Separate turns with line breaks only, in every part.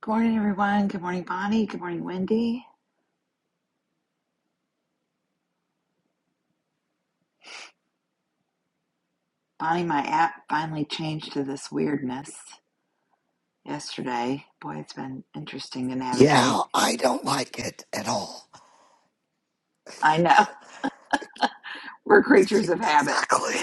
Good morning, everyone. Good morning, Bonnie. Good morning, Wendy. Bonnie, my app finally changed to this weirdness yesterday. Boy, it's been interesting to
Yeah,
navigate.
I don't like it at all.
I know. We're creatures of habit.
Exactly.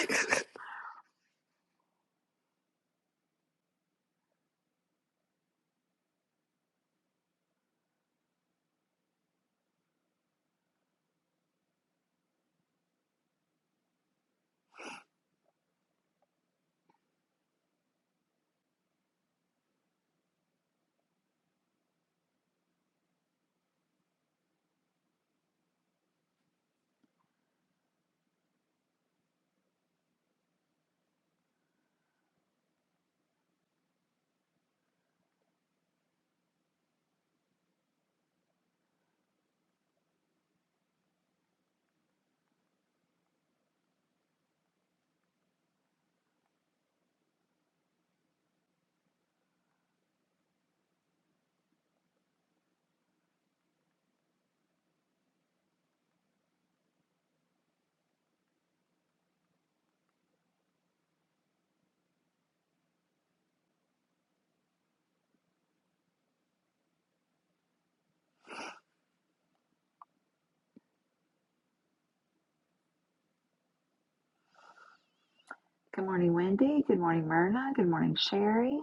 Good morning, Wendy. Good morning, Myrna. Good morning, Sherry.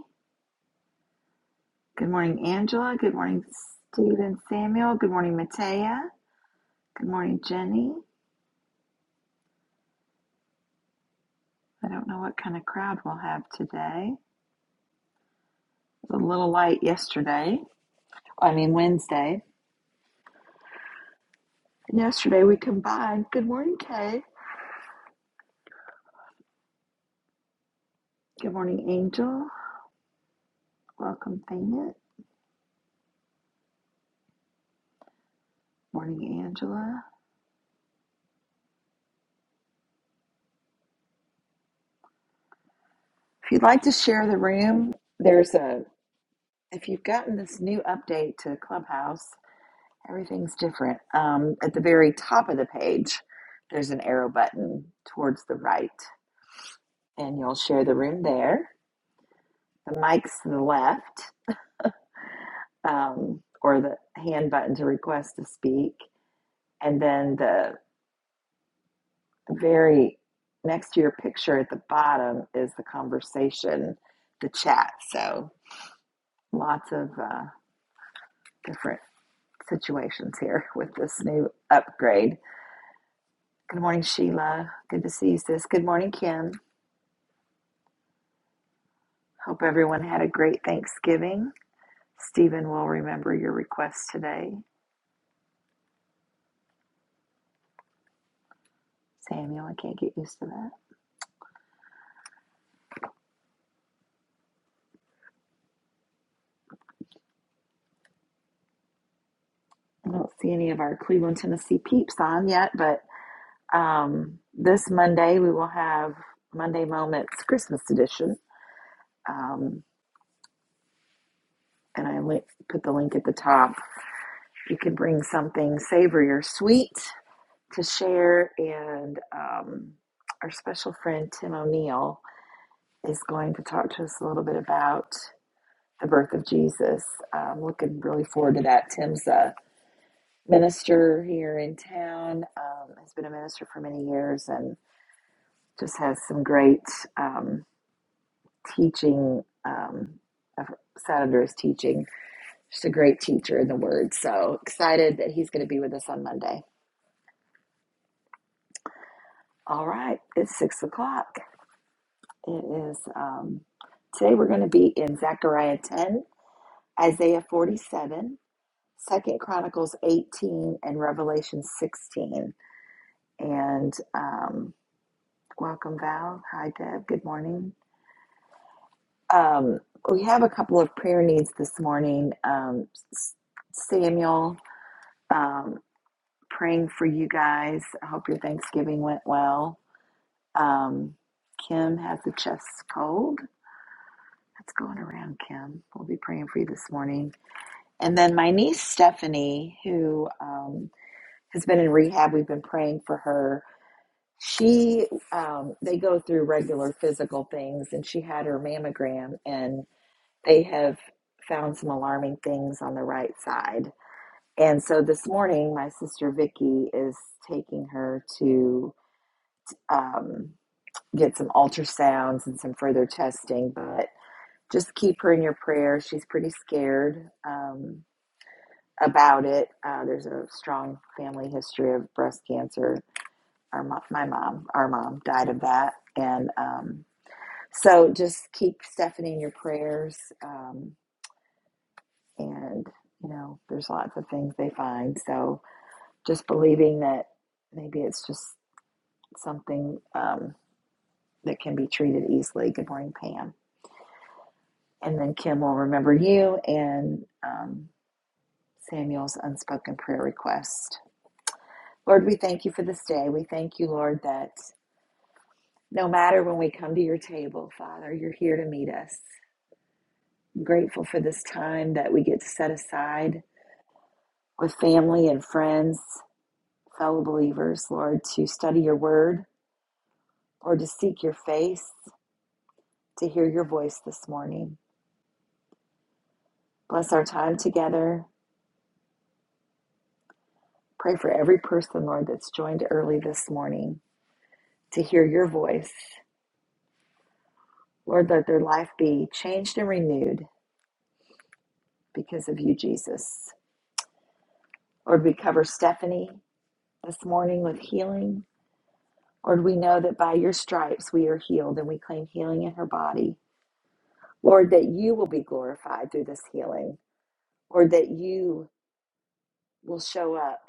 Good morning, Angela. Good morning, Stephen Samuel. Good morning, Matea. Good morning, Jenny. I don't know what kind of crowd we'll have today. It was a little light yesterday. I mean, Wednesday. And Yesterday we combined. Good morning, Kay. Good morning, Angel. Welcome, Thanet. Morning, Angela. If you'd like to share the room, there's a, if you've gotten this new update to Clubhouse, everything's different. Um, at the very top of the page, there's an arrow button towards the right, and you'll share the room there. The mic's to the left, um, or the hand button to request to speak, and then the the very next to your picture at the bottom is the conversation, the chat. So lots of uh, different situations here with this new upgrade. Good morning, Sheila. Good to see you, sis. Good morning, Kim. Hope everyone had a great Thanksgiving. Stephen will remember your request today. Samuel, I can't get used to that. I don't see any of our Cleveland, Tennessee peeps on yet, but um, this Monday we will have Monday Moments Christmas edition Um, and I li- put the link at the top. You can bring something savory or sweet to share. And um, our special friend Tim O'Neill is going to talk to us a little bit about the birth of Jesus. I'm looking really forward to that. Tim's a minister here in town, um, has been a minister for many years, and just has some great um, teaching. Um, of Saturday's teaching Just a great teacher in the Word. So excited that he's going to be with us on Monday. All right, it's six o'clock. It is um, today. We're going to be in Zechariah ten, Isaiah forty-seven, Second Chronicles eighteen, and Revelation sixteen. And um, welcome, Val. Hi, Deb. Good morning. Um, we have a couple of prayer needs this morning. Um, S- Samuel, um, praying for you guys. I hope your Thanksgiving went well Um, Kim has a chest cold. That's going around, Kim. We'll be praying for you this morning. And then my niece, Stephanie, who um, has been in rehab, we've been praying for her. She, um, they go through regular physical things, and she had her mammogram, and they have found some alarming things on the right side. And so this morning, my sister Vicky is taking her to um, get some ultrasounds and some further testing, but just keep her in your prayers. She's pretty scared um, about it. Uh, there's a strong family history of breast cancer. Our mo- my mom, our mom died of that, and um, so just keep Stephanie in your prayers. Um, and you know, there's lots of things they find. So just believing that maybe it's just something um, that can be treated easily. Good morning, Pam. And then Kim will remember you and. Um, Samuel's unspoken prayer request. Lord, we thank you for this day. We thank you, Lord, that no matter when we come to your table, Father, you're here to meet us. I'm grateful for this time that we get to set aside with family and friends, fellow believers, Lord, to study your word or to seek your face, to hear your voice this morning. Bless our time together. Pray for every person, Lord, that's joined early this morning to hear your voice. Lord, let their life be changed and renewed because of you, Jesus? Lord, we cover Stephanie this morning with healing. Lord, we know that by your stripes we are healed and we claim healing in her body. Lord, that you will be glorified through this healing. Lord, that you will show up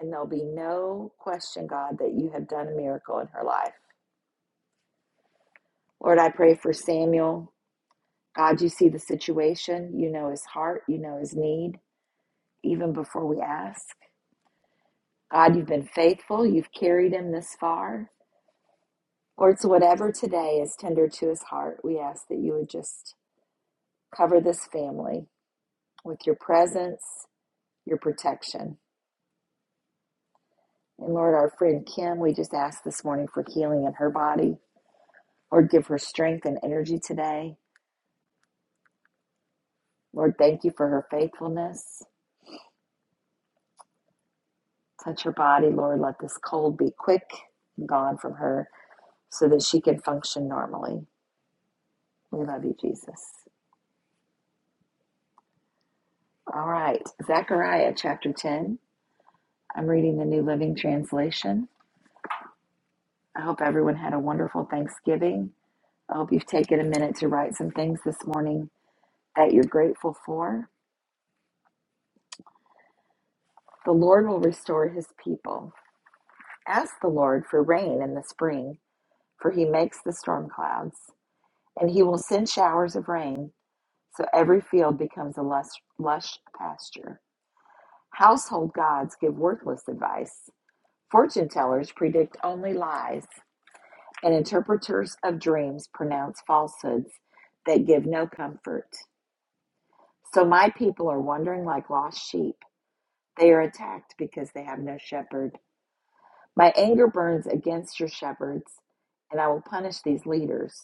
and there'll be no question, God, that you have done a miracle in her life. Lord, I pray for Samuel. God, you see the situation. You know his heart. You know his need, even before we ask. God, you've been faithful. You've carried him this far. Lord, so whatever today is tender to his heart, we ask that you would just cover this family with your presence, your protection. And Lord, our friend Kim, we just ask this morning for healing in her body. Lord, give her strength and energy today. Lord, thank you for her faithfulness. Touch her body, Lord. Let this cold be quick and gone from her so that she can function normally. We love you, Jesus. All right, Zechariah chapter 10. I'm reading the New Living Translation. I hope everyone had a wonderful Thanksgiving. I hope you've taken a minute to write some things this morning that you're grateful for. The Lord will restore his people. Ask the Lord for rain in the spring, for he makes the storm clouds, and he will send showers of rain, so every field becomes a lush, lush pasture. Household gods give worthless advice. Fortune tellers predict only lies, and interpreters of dreams pronounce falsehoods that give no comfort. So my people are wandering like lost sheep. They are attacked because they have no shepherd. My anger burns against your shepherds, and I will punish these leaders.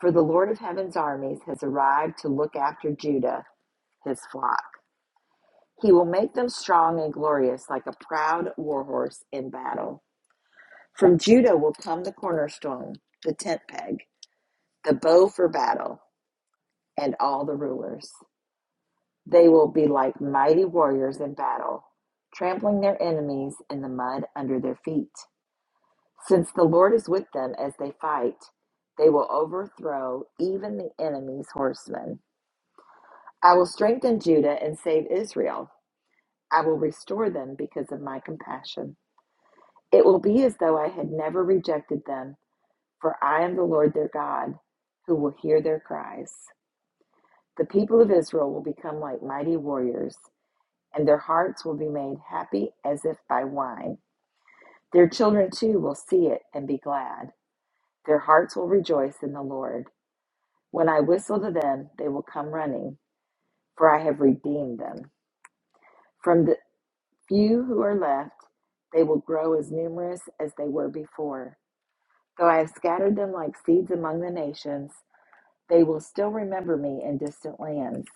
For the Lord of heaven's armies has arrived to look after Judah, his flock. He will make them strong and glorious like a proud warhorse in battle. From Judah will come the cornerstone, the tent peg, the bow for battle, and all the rulers. They will be like mighty warriors in battle, trampling their enemies in the mud under their feet. Since the Lord is with them as they fight, they will overthrow even the enemy's horsemen. I will strengthen Judah and save Israel. I will restore them because of my compassion. It will be as though I had never rejected them, for I am the Lord their God, who will hear their cries. The people of Israel will become like mighty warriors. and their hearts will be made happy as if by wine. Their children too will see it and be glad. Their hearts will rejoice in the Lord. When I whistle to them, they will come running, for I have redeemed them. From the few who are left, they will grow as numerous as they were before. Though I have scattered them like seeds among the nations, they will still remember me in distant lands.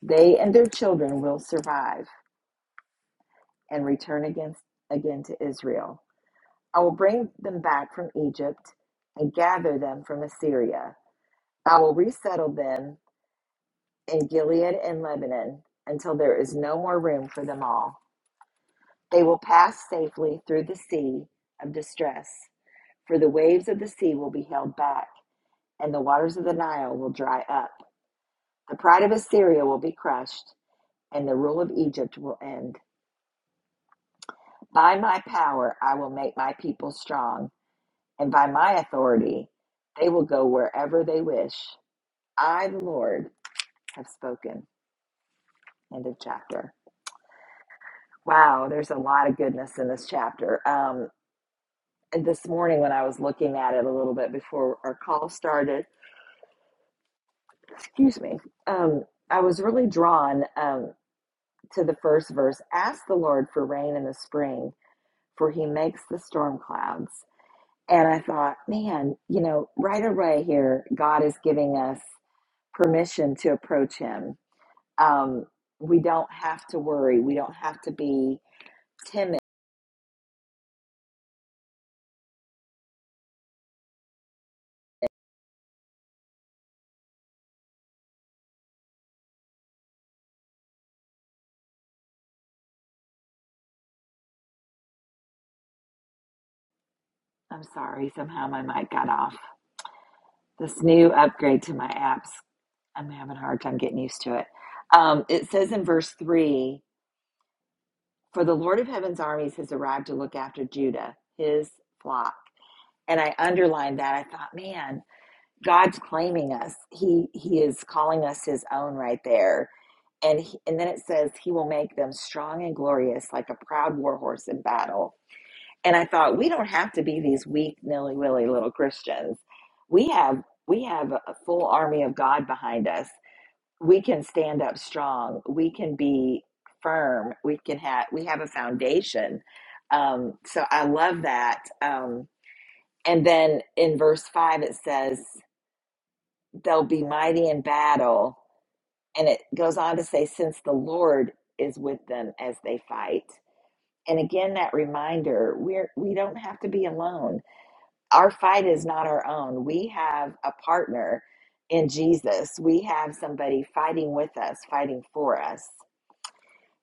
They and their children will survive and return against, again to Israel. I will bring them back from Egypt and gather them from Assyria. I will resettle them in Gilead and Lebanon until there is no more room for them all. They will pass safely through the sea of distress, for the waves of the sea will be held back, and the waters of the Nile will dry up. The pride of Assyria will be crushed, and the rule of Egypt will end. By my power I will make my people strong, and by my authority they will go wherever they wish. I, the Lord, have spoken. End of chapter. Wow, there's a lot of goodness in this chapter. Um, and this morning, when I was looking at it a little bit before our call started, excuse me, um, I was really drawn um, to the first verse Ask the Lord for rain in the spring, for he makes the storm clouds. And I thought, man, you know, right away here, God is giving us permission to approach him. Um, we don't have to worry. We don't have to be Timid. I'm sorry, somehow my mic got off. This new upgrade to my apps, I'm having a hard time getting used to it. Um, it says in verse 3 For the Lord of heaven's armies has arrived to look after Judah, his flock. And I underlined that. I thought, man, God's claiming us. He he is calling us his own right there. And he, and then it says he will make them strong and glorious like a proud war horse in battle. And I thought, we don't have to be these weak, nilly willy little Christians. We have we have a full army of God behind us. We can stand up strong. We can be firm. We can have we have a foundation. Um, so I love that. Um, and then in verse five it says, "They'll be mighty in battle," and it goes on to say, "Since the Lord is with them as they fight." And again, that reminder: we're we don't have to be alone our fight is not our own. We have a partner in Jesus. We have somebody fighting with us, fighting for us.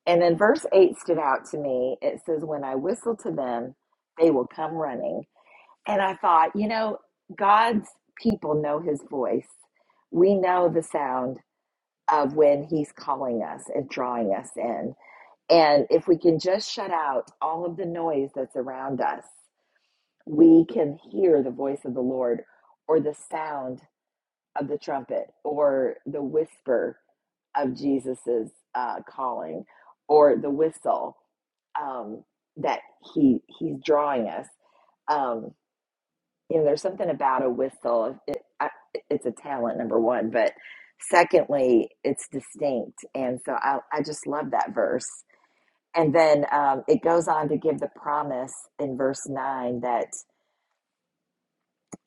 And then verse 8 stood out to me. It says, When I whistle to them, they will come running. And I thought, you know, God's people know his voice. We know the sound of when he's calling us and drawing us in. And if we can just shut out all of the noise that's around us we can hear the voice of the Lord or the sound of the trumpet or the whisper of Jesus's uh, calling or the whistle um, that he he's drawing us. Um, you know, there's something about a whistle. It, I, it's a talent, number one, but secondly, it's distinct, and so I I just love that verse. And then um, it goes on to give the promise in verse nine that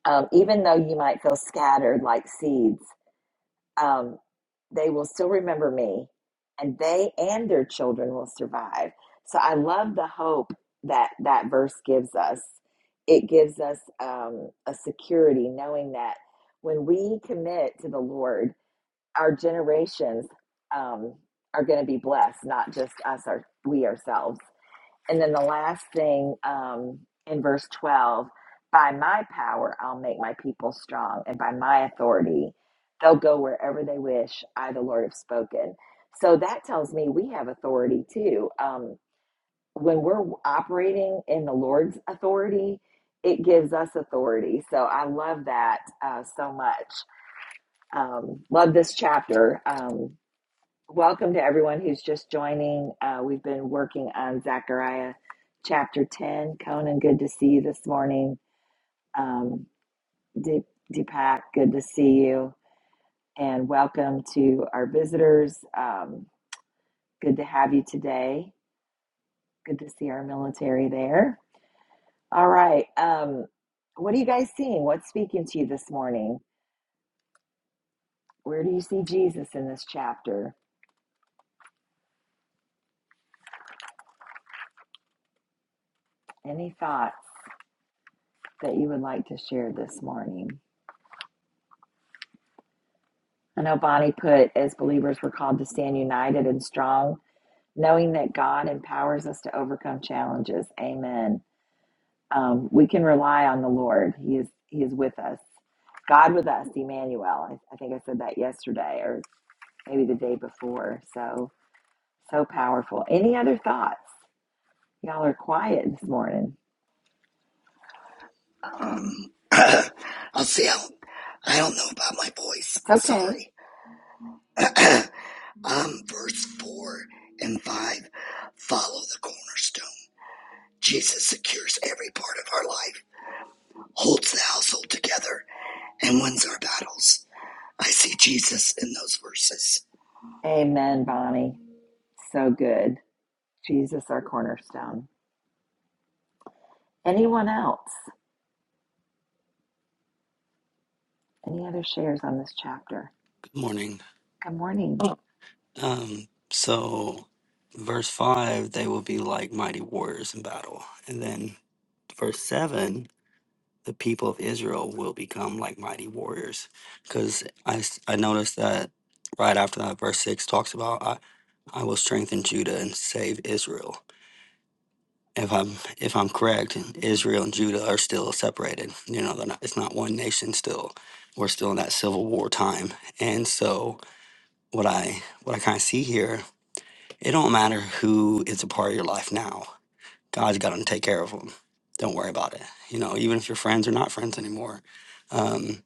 um, even though you might feel scattered like seeds, um, they will still remember me, and they and their children will survive. So I love the hope that that verse gives us. It gives us um, a security knowing that when we commit to the Lord, our generations um, are going to be blessed, not just us or we ourselves. And then the last thing um, in verse 12 by my power, I'll make my people strong, and by my authority, they'll go wherever they wish. I, the Lord, have spoken. So that tells me we have authority too. Um, when we're operating in the Lord's authority, it gives us authority. So I love that uh, so much. Um, love this chapter. Um, Welcome to everyone who's just joining. Uh, we've been working on Zechariah chapter 10. Conan, good to see you this morning. Um, Deep, Deepak, good to see you. And welcome to our visitors. Um, good to have you today. Good to see our military there. All right. Um, what are you guys seeing? What's speaking to you this morning? Where do you see Jesus in this chapter? Any thoughts that you would like to share this morning? I know Bonnie put, as believers, we're called to stand united and strong, knowing that God empowers us to overcome challenges. Amen. Um, we can rely on the Lord. He is He is with us. God with us, Emmanuel. I, I think I said that yesterday, or maybe the day before. So so powerful. Any other thoughts? Y'all are quiet this morning.
Um, I'll see. I'll, I don't know about my voice.
It's okay.
Sorry. Um, verse four and five. Follow the cornerstone. Jesus secures every part of our life, holds the household together, and wins our battles. I see Jesus in those verses.
Amen, Bonnie. So good. Jesus, our cornerstone. Anyone else? Any other shares on this chapter?
morning.
Good morning.
Um, so, verse 5, they will be like mighty warriors in battle. And then, verse 7, the people of Israel will become like mighty warriors. Because I, s- I noticed that right after that, verse 6 talks about, I, I will strengthen Judah and save Israel. If I'm if I'm correct, Israel and Judah are still separated. You know, they're not, it's not one nation. Still, we're still in that civil war time, and so what I what I kind of see here It don't matter who is a part of your life now. God's got to take care of them. Don't worry about it. You know, even if your friends are not friends anymore. Um,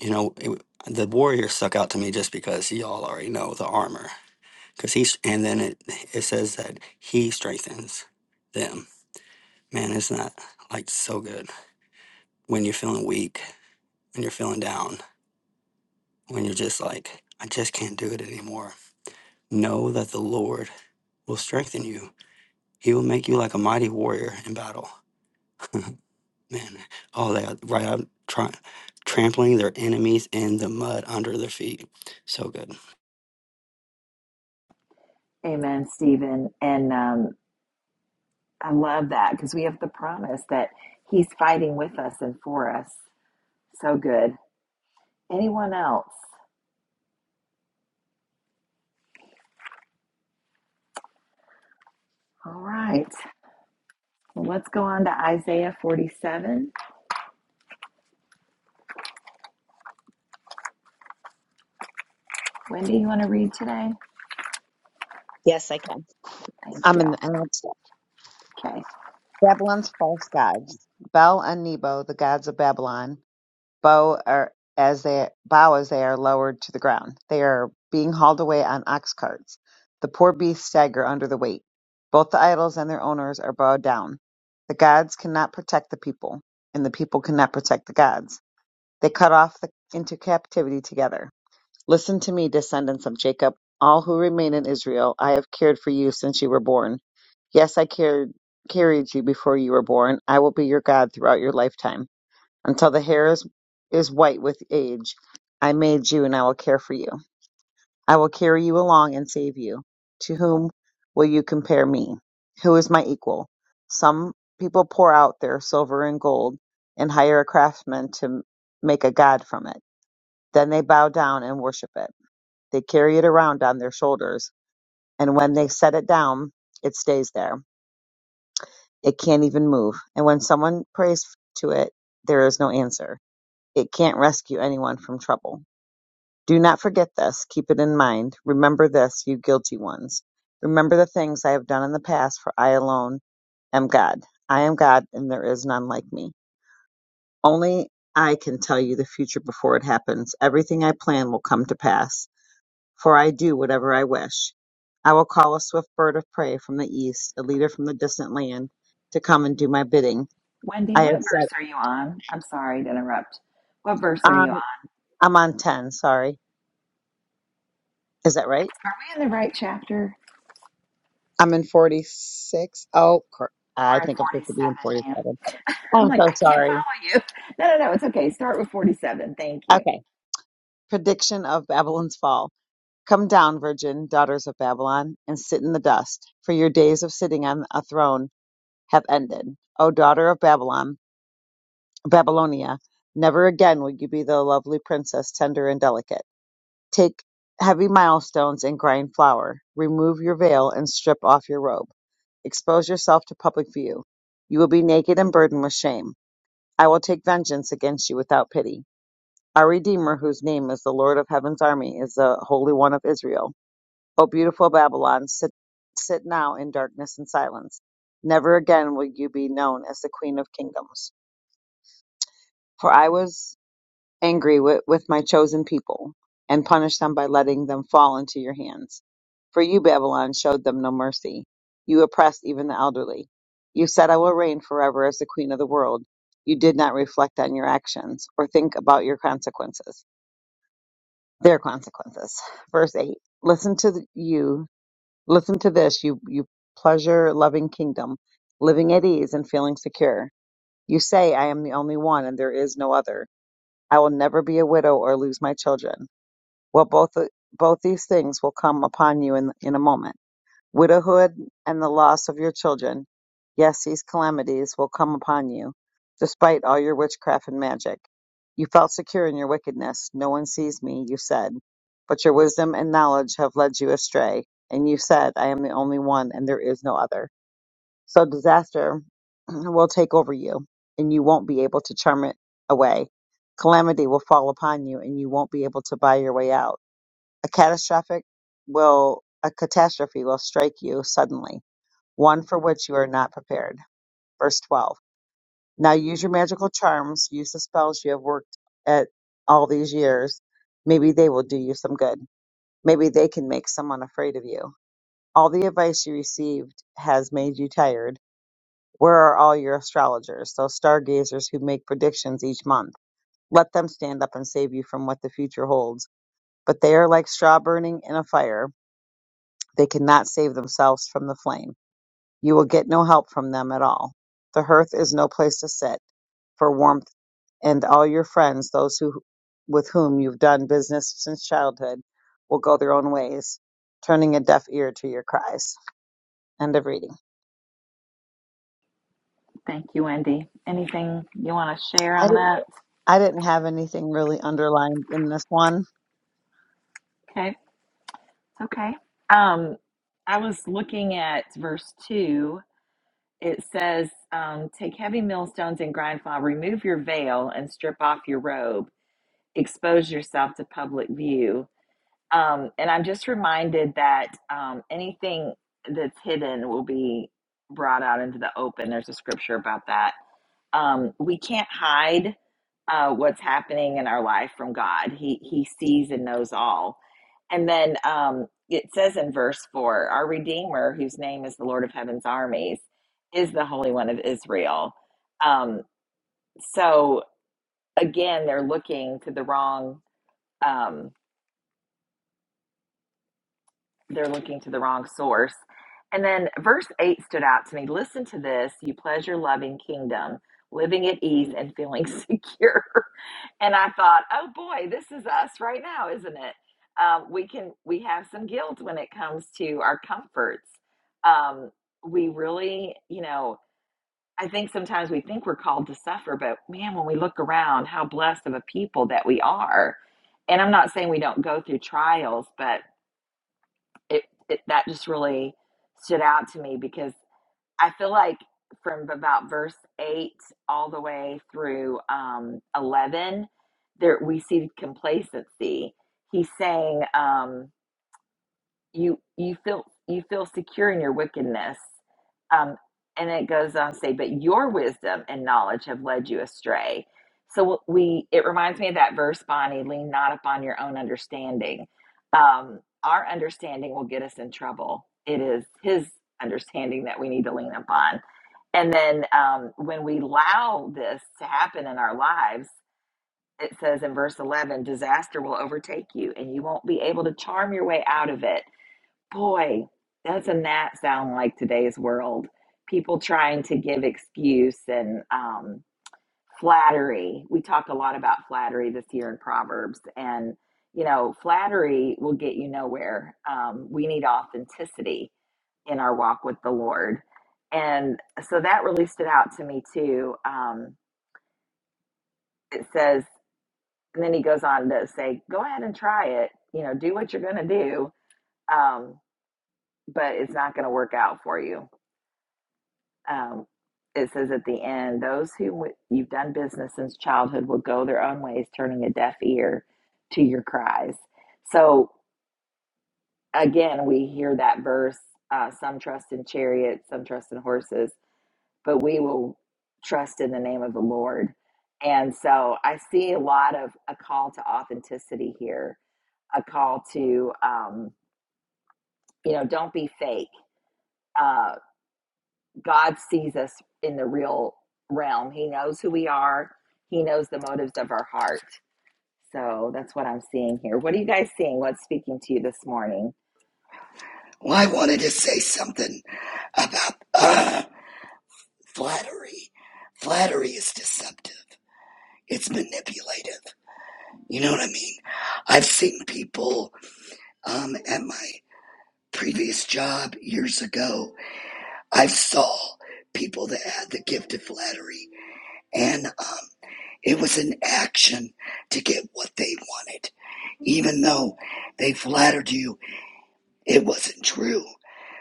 you know, it, the warrior stuck out to me just because y'all already know the armor. Cause he's, and then it it says that he strengthens them. Man, isn't that like so good when you're feeling weak, when you're feeling down, when you're just like, I just can't do it anymore. Know that the Lord will strengthen you. He will make you like a mighty warrior in battle. man, all that right up, try, trampling their enemies in the mud under their feet. So good.
Amen, Stephen. And um, I love that because we have the promise that he's fighting with us and for us. So good. Anyone else? All right. Well, let's go on to Isaiah 47. Wendy, you want to read today?
Yes, I can.
Thank
I'm
you.
in the I'm outside.
Okay.
Babylon's false gods. Bel and Nebo, the gods of Babylon, bow are as they bow as they are lowered to the ground. They are being hauled away on ox carts. The poor beasts stagger under the weight. Both the idols and their owners are bowed down. The gods cannot protect the people, and the people cannot protect the gods. They cut off the, into captivity together. Listen to me, descendants of Jacob, all who remain in Israel. I have cared for you since you were born. Yes, I carried carried you before you were born. I will be your God throughout your lifetime. Until the hair is, is white with age, I made you and I will care for you. I will carry you along and save you. To whom will you compare me? Who is my equal? Some people pour out their silver and gold and hire a craftsman to make a god from it. Then they bow down and worship it. They carry it around on their shoulders, and when they set it down, it stays there It can't even move. And when someone prays to it, there is no answer. It can't rescue anyone from trouble. Do not forget this. Keep it in mind. Remember this, you guilty ones. Remember the things I have done in the past, for I alone am God. I am God, and there is none like me. Only I can tell you the future before it happens. Everything I plan will come to pass, for I do whatever I wish. I will call a swift bird of prey from the east, a leader from the distant land, to come and do my bidding.
Wendy,
I
what
have said
verse are you on? I'm sorry to interrupt. What verse are
Um,
you on?
I'm on 10, sorry. Is that right?
Are we in the right chapter?
I'm in 46. Oh, cor- I
We're in
think I'm supposed to
47,
be in
ma'am.
47.
I'm
I'm
like,
so
I can't
sorry.
follow you. No, no, no. It's okay. Start with 47. Thank you.
Okay. Prediction of Babylon's fall. Come down, virgin, daughters of Babylon, and sit in the dust, for your days of sitting on a throne have ended. O daughter of Babylon, Babylonia, never again will you be the lovely princess, tender and delicate. Take heavy milestones and grind flour. Remove your veil and strip off your robe. Expose yourself to public view. You will be naked and burdened with shame. I will take vengeance against you without pity. Our Redeemer, whose name is the Lord of Heaven's army, is the Holy One of Israel. O beautiful Babylon, sit, sit now in darkness and silence. Never again will you be known as the Queen of Kingdoms. For I was angry wi- with my chosen people and punish them by letting them fall into your hands. For you, Babylon, showed them no mercy. You oppressed even the elderly. You said, I will reign forever as the queen of the world. You did not reflect on your actions or think about your consequences, their consequences. Verse 8 Listen to th- you, listen to this, you, you pleasure loving kingdom, living at ease and feeling secure. You say, I am the only one and there is no other. I will never be a widow or lose my children. Well, both both these things will come upon you in in a moment. Widowhood and the loss of your children. Yes, these calamities will come upon you, despite all your witchcraft and magic. You felt secure in your wickedness. No one sees me, you said. But your wisdom and knowledge have led you astray, and you said, I am the only one and there is no other. So disaster will take over you, and you won't be able to charm it away. Calamity will fall upon you, and you won't be able to buy your way out a catastrophic will a catastrophe will strike you suddenly, one for which you are not prepared. Verse 12. Now use your magical charms, use the spells you have worked at all these years. Maybe they will do you some good. Maybe they can make someone afraid of you. All the advice you received has made you tired. Where are all your astrologers, those stargazers who make predictions each month? Let them stand up and save you from what the future holds. But they are like straw burning in a fire. They cannot save themselves from the flame. You will get no help from them at all. The hearth is no place to sit for warmth, and all your friends, those who, with whom you've done business since childhood, will go their own ways, turning a deaf ear to your cries. End of reading.
Thank you, Wendy. Anything you want to share
I
on
didn't,
that?
I didn't have anything really underlined in this one
Okay, it's okay. Um, I was looking at verse two. It says, um, "Take heavy millstones and grind flour. Remove your veil and strip off your robe. Expose yourself to public view." Um, and I'm just reminded that um, anything that's hidden will be brought out into the open. There's a scripture about that Um, we can't hide uh, what's happening in our life from God. He He sees and knows all. And then um, it says in verse four, our Redeemer, whose name is the Lord of Heaven's armies, is the Holy One of Israel. Um, so again, they're looking to the wrong. Um, they're looking to the wrong source. And then verse 8 stood out to me. Listen to this, you pleasure loving kingdom, living at ease and feeling secure. And I thought, oh boy, this is us right now, isn't it? Um, we can we have some guilt when it comes to our comforts. Um, we really, you know, I think sometimes we think we're called to suffer, but man, when we look around, how blessed of a people that we are. And I'm not saying we don't go through trials, but it, it that just really stood out to me because I feel like from about verse 8 all the way through um, 11, there we see complacency. He's saying, um, you you feel you feel secure in your wickedness um, and it goes on to say but your wisdom and knowledge have led you astray so we it reminds me of that verse bonnie lean not upon your own understanding um, our understanding will get us in trouble it is his understanding that we need to lean upon and then um, when we allow this to happen in our lives it says in verse 11 disaster will overtake you and you won't be able to charm your way out of it Boy, doesn't that sound like today's world? People trying to give excuse and um, flattery. We talk a lot about flattery this year in Proverbs, and you know, flattery will get you nowhere. Um, we need authenticity in our walk with the Lord. And so that really stood out to me too. Um, it says, and then he goes on to say, go ahead and try it, you know, do what you're going to do, um, but it's not going to work out for you um, it says at the end, those who w- you've done business since childhood will go their own ways, turning a deaf ear to your cries. So again, we hear that verse: uh, some trust in chariots, some trust in horses, but we will trust in the name of the Lord. And so I see a lot of a call to authenticity here, a call to um, you know, don't be fake. Uh, God sees us in the real realm. He knows who we are. He knows the motives of our heart. So that's what I'm seeing here. What are you guys seeing? What's speaking to you this morning?
Well, I wanted to say something about uh, flattery. Flattery is deceptive. It's manipulative. You know what I mean? I've seen people um, at my previous job years ago. I saw people that had the gift of flattery, and um, it was an action to get what they wanted. Even though they flattered you, it wasn't true.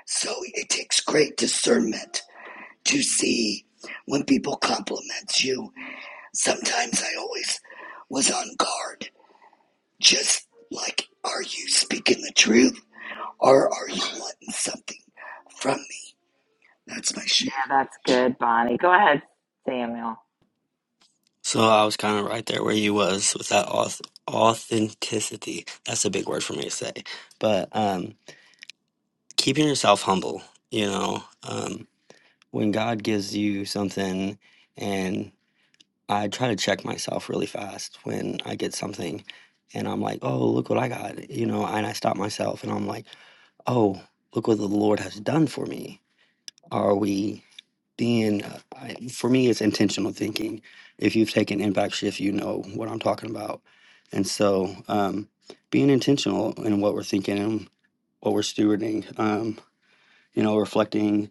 So it takes great discernment to see when people compliment you. Sometimes I always was on guard Just like, are you speaking the truth or are you wanting something from me? That's my
Yeah,
share.
that's good, Bonnie. Go ahead, Samuel.
So I was kind of right there where you was with that auth- authenticity. That's a big word for me to say, but um, keeping yourself humble. You know, um, when God gives you something, and I try to check myself really fast when I get something, and I'm like, oh, look what I got. You know, and I stop myself, and I'm like, oh, look what the Lord has done for me Are we being, I- for me, it's intentional thinking. If you've taken impact shift, you know what I'm talking about. And so um, being intentional in what we're thinking and what we're stewarding, um, you know, reflecting,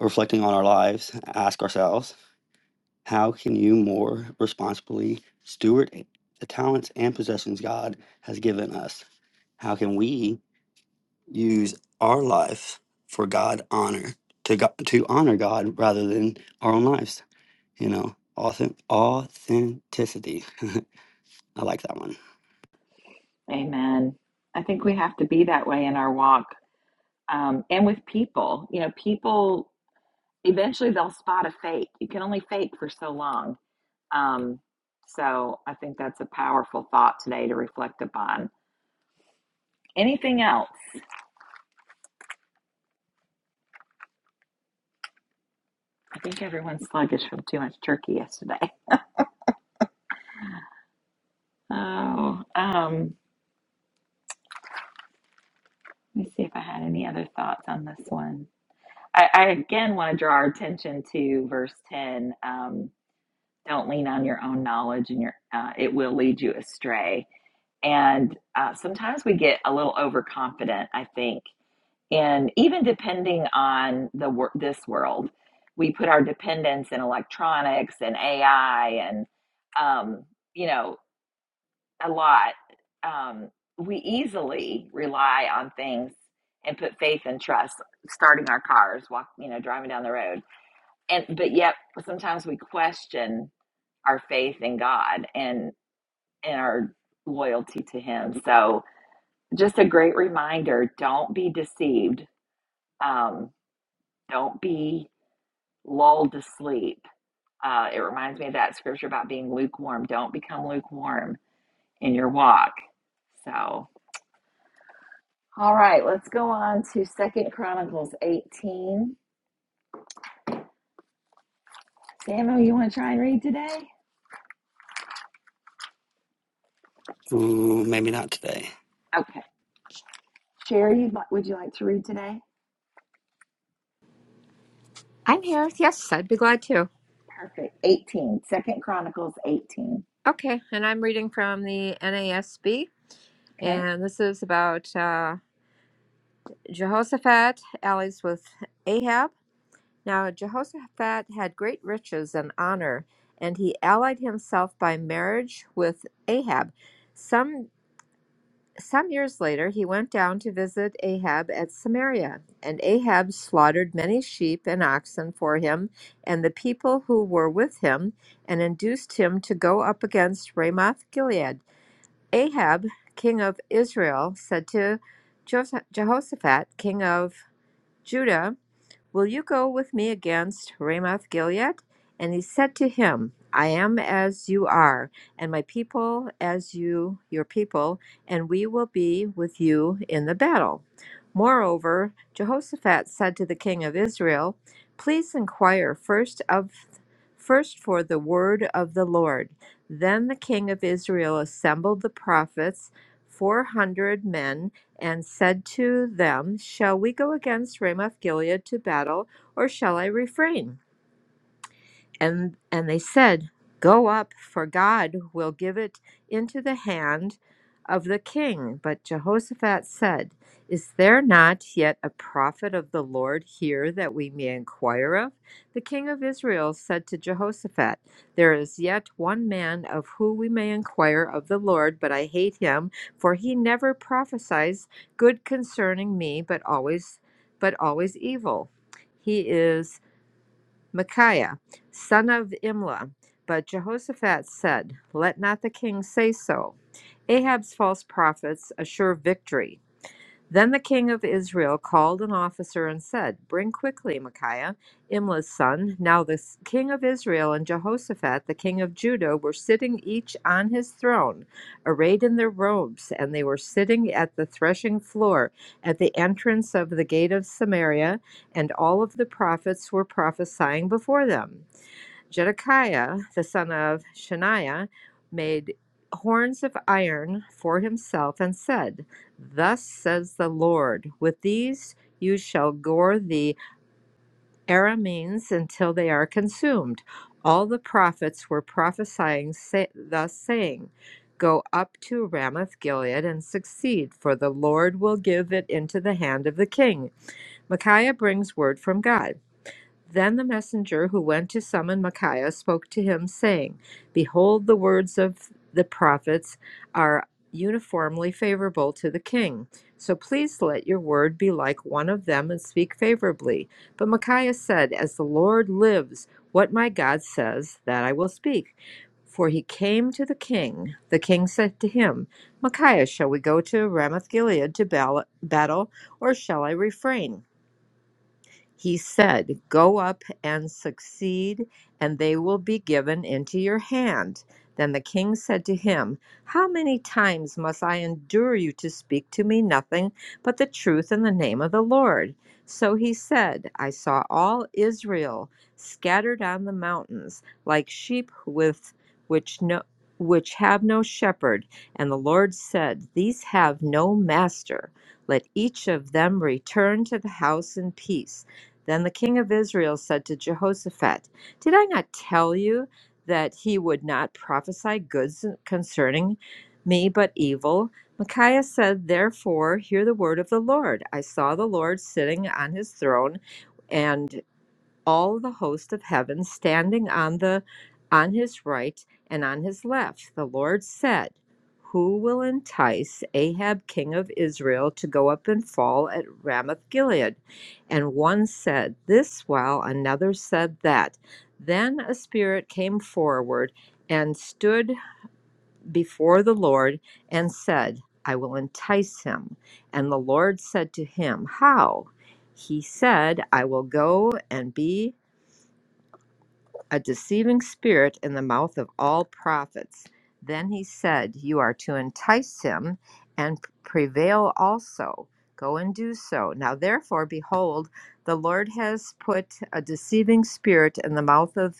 reflecting on our lives, ask ourselves, how can you more responsibly steward the talents and possessions God has given us? How can we use our life for God honor to God, to honor God rather than our own lives? you know, authen- authenticity. I like that one.
Amen. I think we have to be that way in our walk um, and with people. You know, people eventually they'll spot a fake. You can only fake for so long. Um, so I think that's a powerful thought today to reflect upon. Anything else? I think everyone's sluggish from too much turkey yesterday. Oh, um, let me see if I had any other thoughts on this one. I, I again want to draw our attention to verse 10. Um, don't lean on your own knowledge, and your uh, it will lead you astray. And uh, sometimes we get a little overconfident, I think, and even depending on the wor- this world, we put our dependence in electronics and AI and um, you know a lot, um, we easily rely on things and put faith and trust, starting our cars, walk, you know, driving down the road, and but yet sometimes we question our faith in God and and our loyalty to Him. So just a great reminder: don't be deceived. Um, don't be lulled to sleep. Uh, it reminds me of that scripture about being lukewarm. Don't become lukewarm in your walk. So All right, let's go on to Second Chronicles 18. Samuel, you want to try and read today?
Ooh, maybe not today.
Okay. Sherry, you'd li- would you like to read today?
I'm here. Yes, I'd be glad to.
Perfect. 18, Second Chronicles 18.
Okay, and I'm reading from the NASB,
Okay.
and this is about uh, Jehoshaphat allies with Ahab. Now, Jehoshaphat had great riches and honor, and he allied himself by marriage with Ahab. Some. Some years later, he went down to visit Ahab at Samaria, and Ahab slaughtered many sheep and oxen for him and the people who were with him, and induced him to go up against Ramoth Gilead. Ahab, king of Israel, said to Jos- Jehoshaphat, king of Judah, Will you go with me against Ramoth Gilead? And he said to him, I am as you are, and my people as you, your people, and we will be with you in the battle. Moreover, Jehoshaphat said to the king of Israel, Please inquire first of first for the word of the Lord. Then the king of Israel assembled the prophets, four hundred men, and said to them, Shall we go against Ramoth Gilead to battle, or shall I refrain? and and they said go up for god will give it into the hand of the king but jehoshaphat said is there not yet a prophet of the lord here that we may inquire of the king of israel said to jehoshaphat there is yet one man of whom we may inquire of the lord but i hate him for he never prophesies good concerning me but always but always evil he is Micaiah, son of Imlah. But Jehoshaphat said, Let not the king say so. Ahab's false prophets assure victory. Then the king of Israel called an officer and said, Bring quickly Micaiah, Imla's son. Now the s- king of Israel and Jehoshaphat, the king of Judah, were sitting each on his throne, arrayed in their robes, and they were sitting at the threshing floor at the entrance of the gate of Samaria, and all of the prophets were prophesying before them. Zedekiah, the son of Shaniah, made horns of iron for himself and said, Thus says the Lord, with these you shall gore the Arameans until they are consumed. All the prophets were prophesying, say, thus saying, Go up to Ramoth Gilead and succeed, for the Lord will give it into the hand of the king. Micaiah brings word from God. Then the messenger who went to summon Micaiah spoke to him, saying, Behold, the words of the prophets are uniformly favorable to the king. So please let your word be like one of them and speak favorably. But Micaiah said, As the Lord lives, what my God says, that I will speak. For he came to the king. The king said to him, Micaiah, shall we go to Ramoth Gilead to battle, or shall I refrain? He said, Go up and succeed, and they will be given into your hand. Then the king said to him, How many times must I endure you to speak to me nothing but the truth in the name of the Lord? So he said, I saw all Israel scattered on the mountains, like sheep with which no which have no shepherd. And the Lord said, These have no master. Let each of them return to the house in peace. Then the king of Israel said to Jehoshaphat, Did I not tell you that he would not prophesy goods concerning me, but evil? Micaiah said, Therefore, hear the word of the Lord. I saw the Lord sitting on his throne and." all the host of heaven standing on the on his right and on his left the lord said who will entice ahab king of israel to go up and fall at ramoth gilead and one said this while another said that then a spirit came forward and stood before the lord and said i will entice him and the lord said to him how he said i will go and be a deceiving spirit in the mouth of all prophets. Then he said, You are to entice him and prevail also. Go and do so. Now, therefore, behold, the Lord has put a deceiving spirit in the mouth of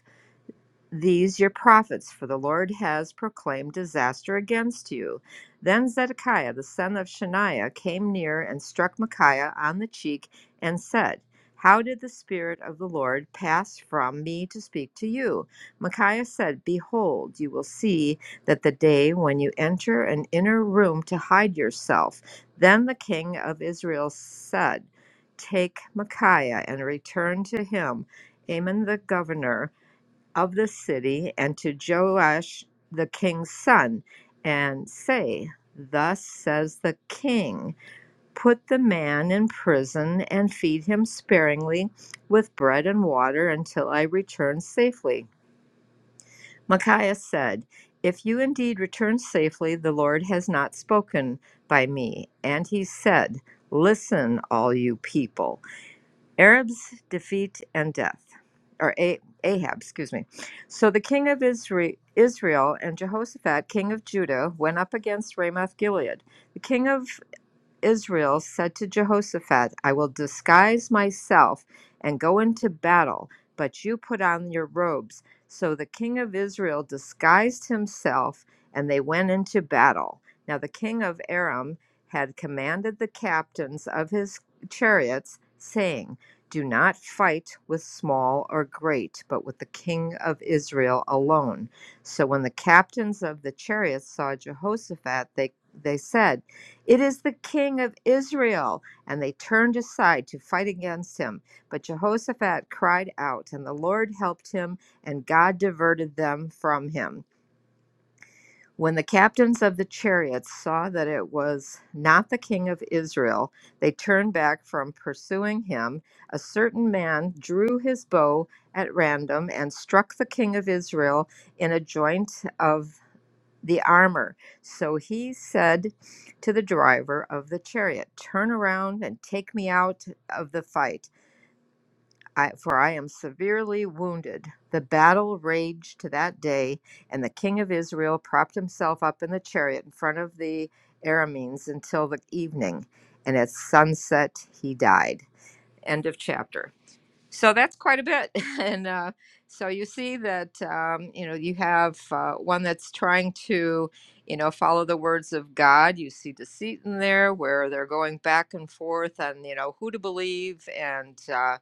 these your prophets, for the Lord has proclaimed disaster against you. Then Zedekiah the son of Shaniah came near and struck Micaiah on the cheek and said, How did the Spirit of the Lord pass from me to speak to you? Micaiah said, Behold, you will see that the day when you enter an inner room to hide yourself. Then the king of Israel said, Take Micaiah and return to him. Amon the governor of the city and to Joash the king's son, and say, Thus says the king, put the man in prison and feed him sparingly with bread and water until I return safely. Micaiah said, If you indeed return safely, the Lord has not spoken by me. And he said, Listen, all you people. Arabs, defeat, and death, or A- Ahab, excuse me. So the king of Isra- Israel and Jehoshaphat, king of Judah, went up against Ramoth Gilead. The king of Israel said to Jehoshaphat, I will disguise myself and go into battle, but you put on your robes. So the king of Israel disguised himself, and they went into battle. Now the king of Aram had commanded the captains of his chariots, saying, Do not fight with small or great, but with the king of Israel alone. So when the captains of the chariots saw Jehoshaphat, they, they said, it is the king of Israel. And they turned aside to fight against him. But Jehoshaphat cried out, and the Lord helped him, and God diverted them from him. When the captains of the chariots saw that it was not the king of Israel, they turned back from pursuing him. A certain man drew his bow at random and struck the king of Israel in a joint of the armor. So he said to the driver of the chariot, Turn around and take me out of the fight, I, for I am severely wounded. The battle raged to that day, and the king of Israel propped himself up in the chariot in front of the Arameans until the evening, and at sunset he died. End of chapter. So that's quite a bit. And uh, so you see that, um, you know, you have uh, one that's trying to, you know, follow the words of God. You see deceit in there where they're going back and forth on, you know, who to believe and, uh,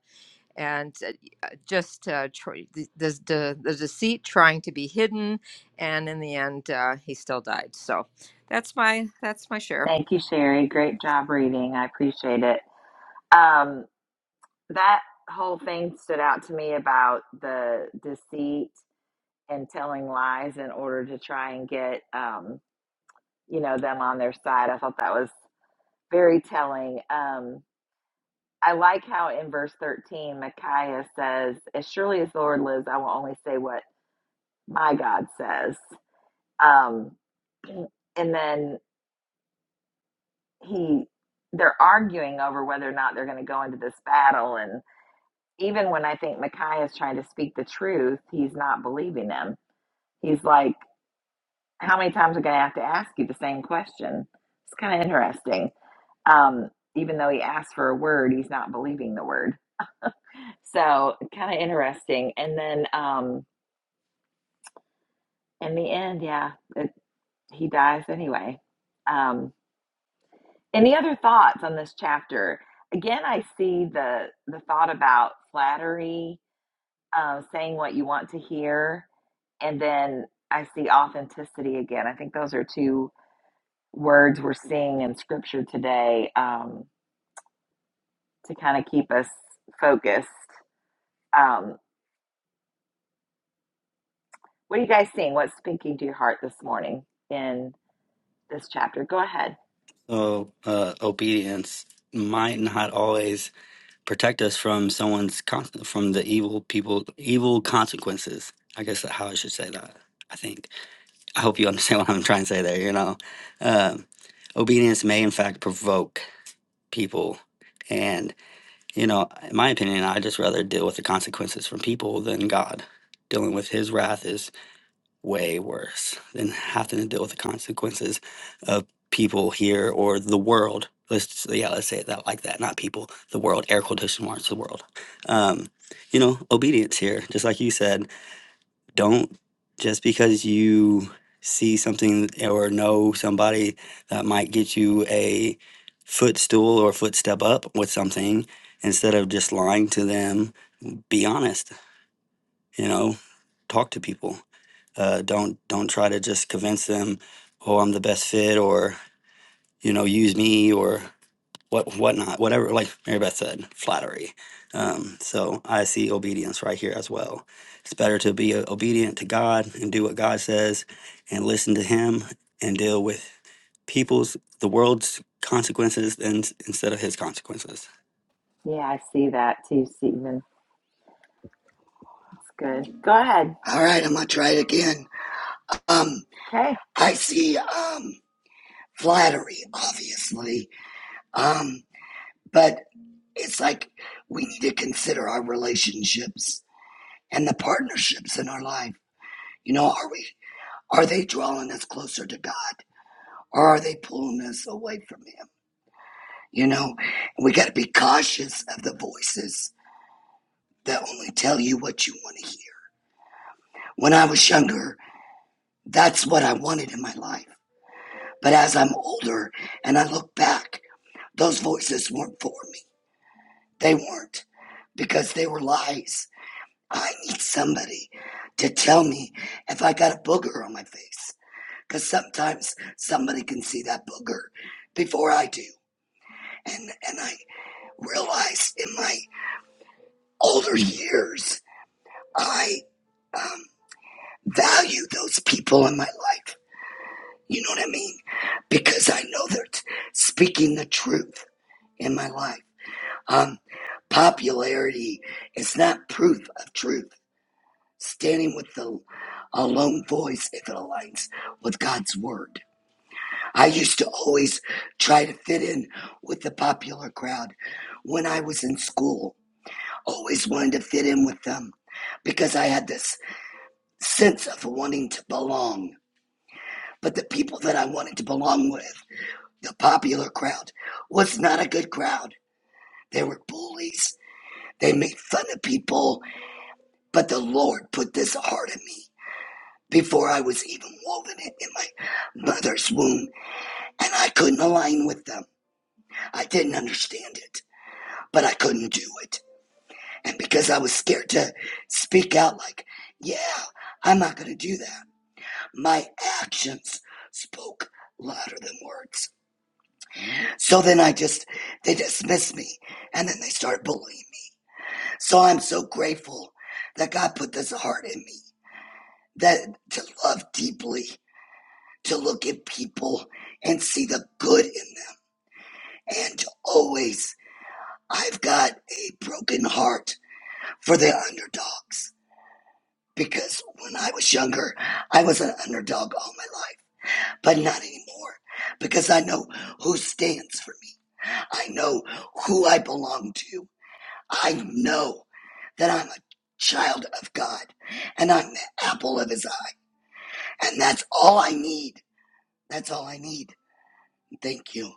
and uh, y- uh, just uh, tr- the, the, the the deceit trying to be hidden. And in the end, uh, he still died. So that's my, that's my share.
Thank you, Sherry. Great job reading. I appreciate it. Um, that whole thing stood out to me about the deceit and telling lies in order to try and get, um, you know, them on their side. I thought that was very telling. Um, I like how in verse 13, Micaiah says, As surely as the Lord lives, I will only say what my God says. Um, and then he, they're arguing over whether or not they're going to go into this battle. And even when I think Micaiah is trying to speak the truth, he's not believing them. He's like, How many times are going to have to ask you the same question? It's kind of interesting. Um, even though he asked for a word, he's not believing the word. So kind of interesting. And then, um, In the end, yeah, it, he dies anyway. Um, any other thoughts on this chapter? Again, I see the the thought about flattery, uh, saying what you want to hear, and then I see authenticity again. I think those are two words we're seeing in Scripture today um, to kind of keep us focused. Um, what are you guys seeing? What's speaking to your heart this morning in this chapter? Go ahead.
So, uh, obedience might not always protect us from someone's con- from the evil people, evil consequences. I guess that's how I should say that. I think. I hope you understand what I'm trying to say there. You know, um, obedience may in fact provoke people, and you know, in my opinion, I just rather deal with the consequences from people than God. Dealing with His wrath is. way worse than having to deal with the consequences of people here or the world. Let's yeah, let's say it that like that. Not people, the world. Air quotation marks, the world. Um, you know, obedience here, just like you said. Don't just because you see something or know somebody that might get you a footstool or footstep up with something instead of just lying to them be honest you know talk to people uh, don't don't try to just convince them, oh, I'm the best fit, or you know, use me, or what whatnot, whatever. Like Mary Beth said, flattery. Um, so I see obedience right here as well. It's better to be uh, obedient to God and do what God says, and listen to Him and deal with people's the world's consequences than instead of His consequences.
Yeah, I see that too, Stephen. It's good. Go ahead.
All right, I'm gonna try it again. Um,
Okay.
I see um flattery, obviously. Um, but it's like we need to consider our relationships and the partnerships in our life. You know, are we are they drawing us closer to God or are they pulling us away from Him? You know, we got to be cautious of the voices that only tell you what you want to hear. When I was younger, that's what I wanted in my life. But as I'm older and I look back, those voices weren't for me. They weren't because they were lies. I need somebody to tell me if I got a booger on my face because sometimes somebody can see that booger before I do. And, and I realized in my older years, I um, value those people in my life You know what I mean? Because I know they're t- speaking the truth in my life. Um, popularity is not proof of truth. Standing with the alone voice if it aligns with God's word. I used to always try to fit in with the popular crowd when I was in school. Always wanted to fit in with them because I had this sense of wanting to belong. But the people that I wanted to belong with The popular crowd was not a good crowd. They were bullies. They made fun of people. But the Lord put this heart in me before I was even woven in in my mother's womb. And I couldn't align with them. I didn't understand it, but I couldn't do it. And because I was scared to speak out, like, yeah, I'm not going to do that, my actions spoke louder than words. So then I just, they dismissed me and then they started bullying me So I'm so grateful that God put this heart in me that to love deeply, to look at people and see the good in them, and to always, I've got a broken heart for the underdogs. Because when I was younger, I was an underdog all my life, but not anymore. Because I know who stands for me. I know who I belong to. I know that I'm a child of God and I'm the apple of his eye And that's all I need. That's all I need. Thank you.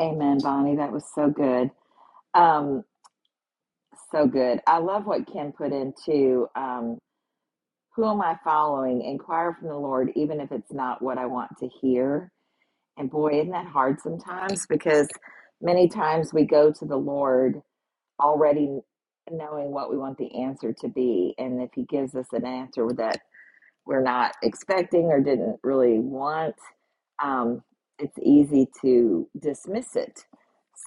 Amen, Bonnie. That was so good. Um, so good. I love what Kim put into um, who am I following? Inquire from the Lord, even if it's not what I want to hear. And boy, isn't that hard sometimes because many times we go to the Lord already knowing what we want the answer to be. And if He gives us an answer that we're not expecting or didn't really want, um, it's easy to dismiss it.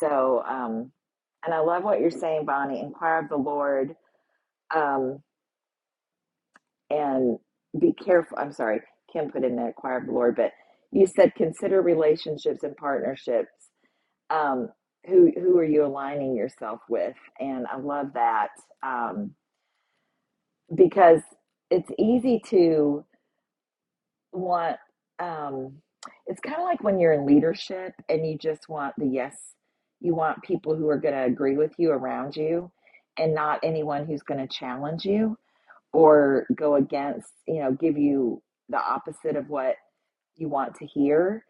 So, um, and I love what you're saying, Bonnie. Inquire of the Lord um, and be careful. I'm sorry, Kim put in that inquire of the Lord, but you said consider relationships and partnerships. Um, who who are you aligning yourself with? And I love that um, because it's easy to want um it's kind of like when you're in leadership and you just want the yes you want people who are going to agree with you around you and not anyone who's going to challenge you or go against you know give you the opposite of what you want to hear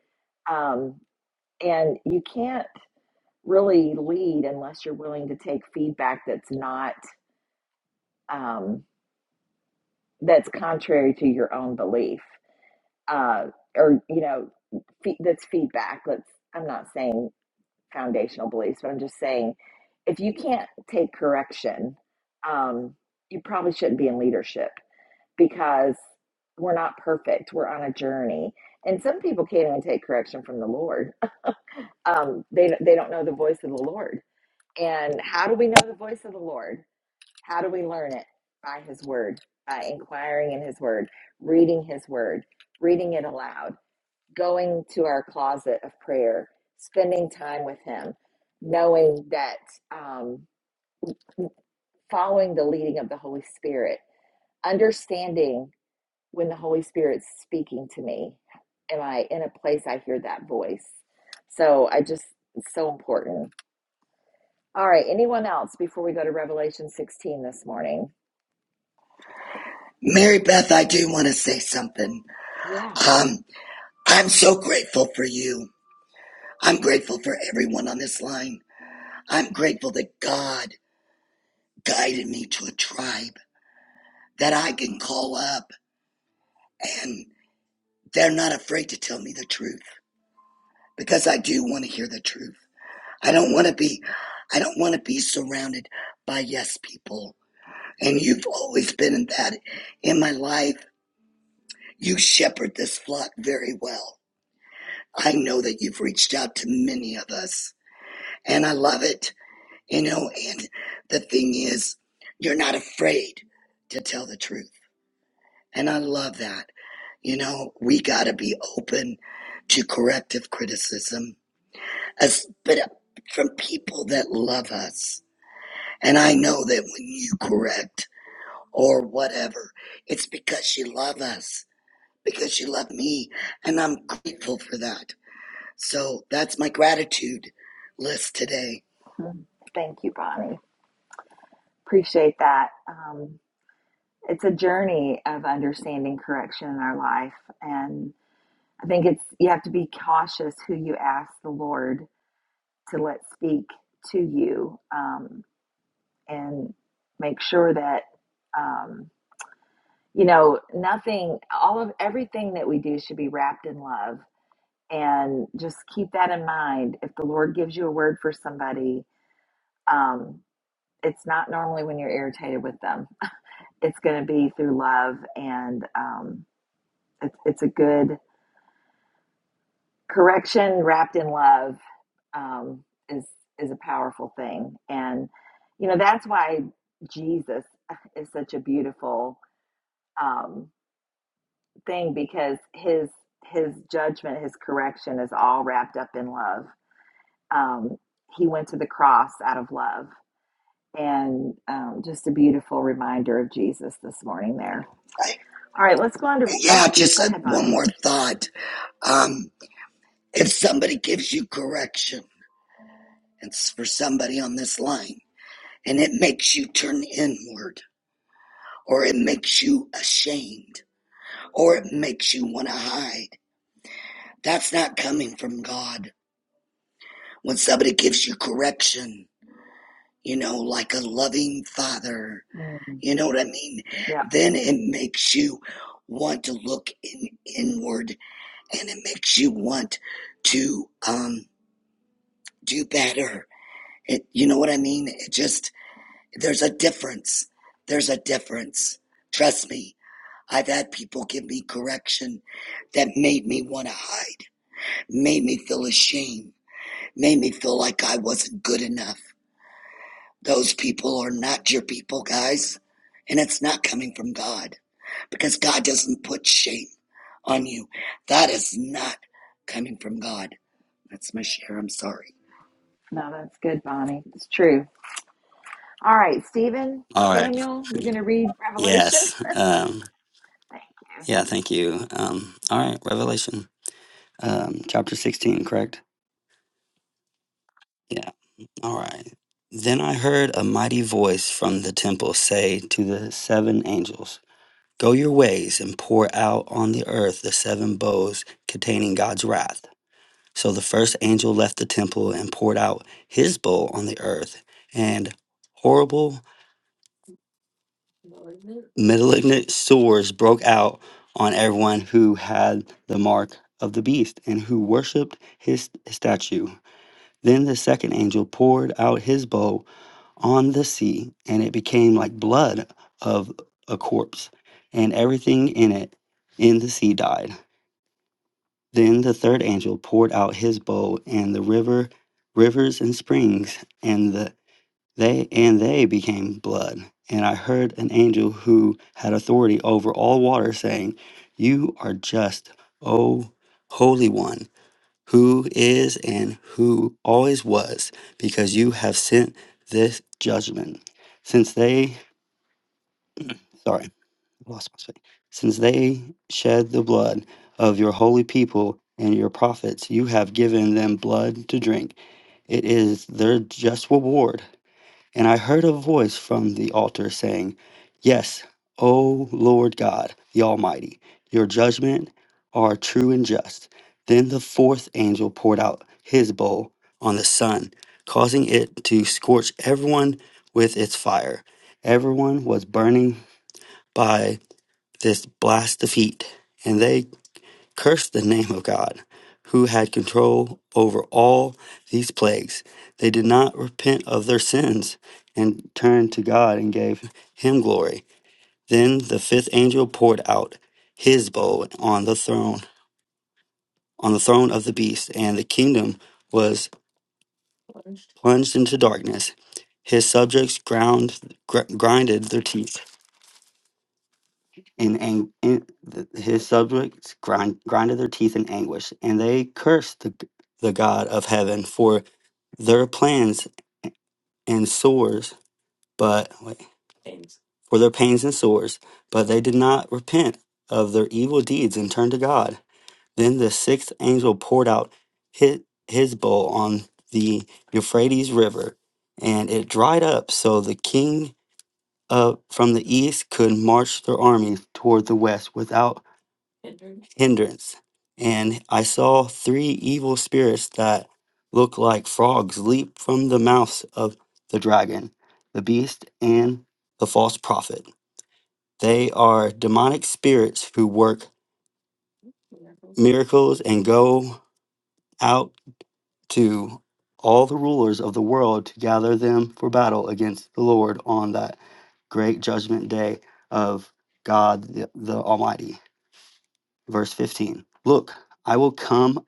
um, and you can't really lead unless you're willing to take feedback that's not um, that's contrary to your own belief uh, or you know fe- that's feedback let's i'm not saying foundational beliefs but i'm just saying if you can't take correction um, you probably shouldn't be in leadership because we're not perfect we're on a journey and some people can't even take correction from the lord um, they, they don't know the voice of the lord and how do we know the voice of the lord how do we learn it by his word by inquiring in his word reading his word reading it aloud going to our closet of prayer, spending time with Him, knowing that um, following the leading of the Holy Spirit, understanding when the Holy Spirit's speaking to me. Am I in a place I hear that voice? So I just, it's so important. All right, anyone else before we go to Revelation 16 this morning?
Mary Beth, I do want to say something.
Yeah.
Um, I'm so grateful for you. I'm grateful for everyone on this line. I'm grateful that God guided me to a tribe that I can call up and they're not afraid to tell me the truth because I do want to hear the truth. I don't want to be, I don't want to be surrounded by yes people. And you've always been in that in my life You shepherd this flock very well. I know that you've reached out to many of us, and I love it. You know, and the thing is, you're not afraid to tell the truth. And I love that. You know, we got to be open to corrective criticism, as, but uh, from people that love us. And I know that when you correct or whatever, it's because you love us, because you love me. And I'm grateful for that. So that's my gratitude list today.
Mhm. Thank you, Bonnie. Appreciate that. Um, it's a journey of understanding correction in our life. and. I think it's you have to be cautious who you ask the Lord to let speak to you, um, and make sure that um, you know nothing. All of everything that we do should be wrapped in love, and just keep that in mind. If the Lord gives you a word for somebody, um, it's not normally when you're irritated with them. It's going to be through love, and um, it's it's a good correction wrapped in love um, is is a powerful thing, and you know that's why Jesus is such a beautiful um, thing because his his judgment, his correction is all wrapped up in love. Um, he went to the cross out of love, and um, just a beautiful reminder of Jesus this morning. There.
I,
All right, let's go on to go.
yeah,
yeah,
just
Go
uh,
ahead,
one
Bonnie.
more thought. Um, if somebody gives you correction, it's for somebody on this line, and it makes you turn inward, or it makes you ashamed, or it makes you want to hide, that's not coming from God. When somebody gives you correction, you know, like a loving father,
Mm,
you know what I mean?
yep.
Then it makes you want to look in, inward and it makes you want to um, do better. It, you know what I mean? It just there's a difference. There's a difference. Trust me. I've had people give me correction that made me want to hide, made me feel ashamed, made me feel like I wasn't good enough. Those people are not your people, guys. And it's not coming from God because God doesn't put shame on you. That is not coming from God. That's my share. I'm sorry.
No, that's good, Bonnie. It's true. All right, Stephen,
All right.
Samuel, you are going to read Revelation?
Yes. Um,
Thank you.
yeah. Thank you. Um, all right. Revelation um, chapter sixteen, correct? Yeah. All right. Then I heard a mighty voice from the temple say to the seven angels, Go your ways and pour out on the earth the seven bowls containing God's wrath. So the first angel left the temple and poured out his bowl on the earth, and horrible, malignant sores broke out on everyone who had the mark of the beast and who worshipped his statue. Then the second angel poured out his bowl on the sea, and it became like blood of a corpse, and everything in it in the sea died. Then the third angel poured out his bowl, and the river, rivers and springs, and the they and they became blood. And I heard an angel who had authority over all water saying, "You are just, O Holy One." who is and who always was, because you have sent this judgment. Since they, sorry, I lost my space. Since they shed the blood of your holy people and your prophets, you have given them blood to drink. It is their just reward and I heard a voice from the altar saying, Yes, O Lord God, the Almighty, your judgment are true and just. Then the fourth angel poured out his bowl on the sun, causing it to scorch everyone with its fire. Everyone was burning by this blast of heat, and they cursed the name of God, who had control over all these plagues. They did not repent of their sins and turned to God and gave him glory. Then the fifth angel poured out his bowl on the throne, on the throne of the beast, and the kingdom was plunged into darkness. His subjects ground, gr- grinded their teeth in, ang- in his subjects grind, grinded their teeth in anguish, and they cursed the the God of heaven for. their plans and sores, but wait, for their pains and sores, but they did not repent of their evil deeds and turn to God. Then the sixth angel poured out his, his bowl on the Euphrates River, and it dried up, so the king of from the east could march their army toward the west without hindrance. And I saw three evil spirits that looked like frogs leap from the mouths of the dragon, the beast, and the false prophet. They are demonic spirits who work miracles and go out to all the rulers of the world to gather them for battle against the Lord on that great judgment day of God the, the Almighty. Verse 15 Look, I will come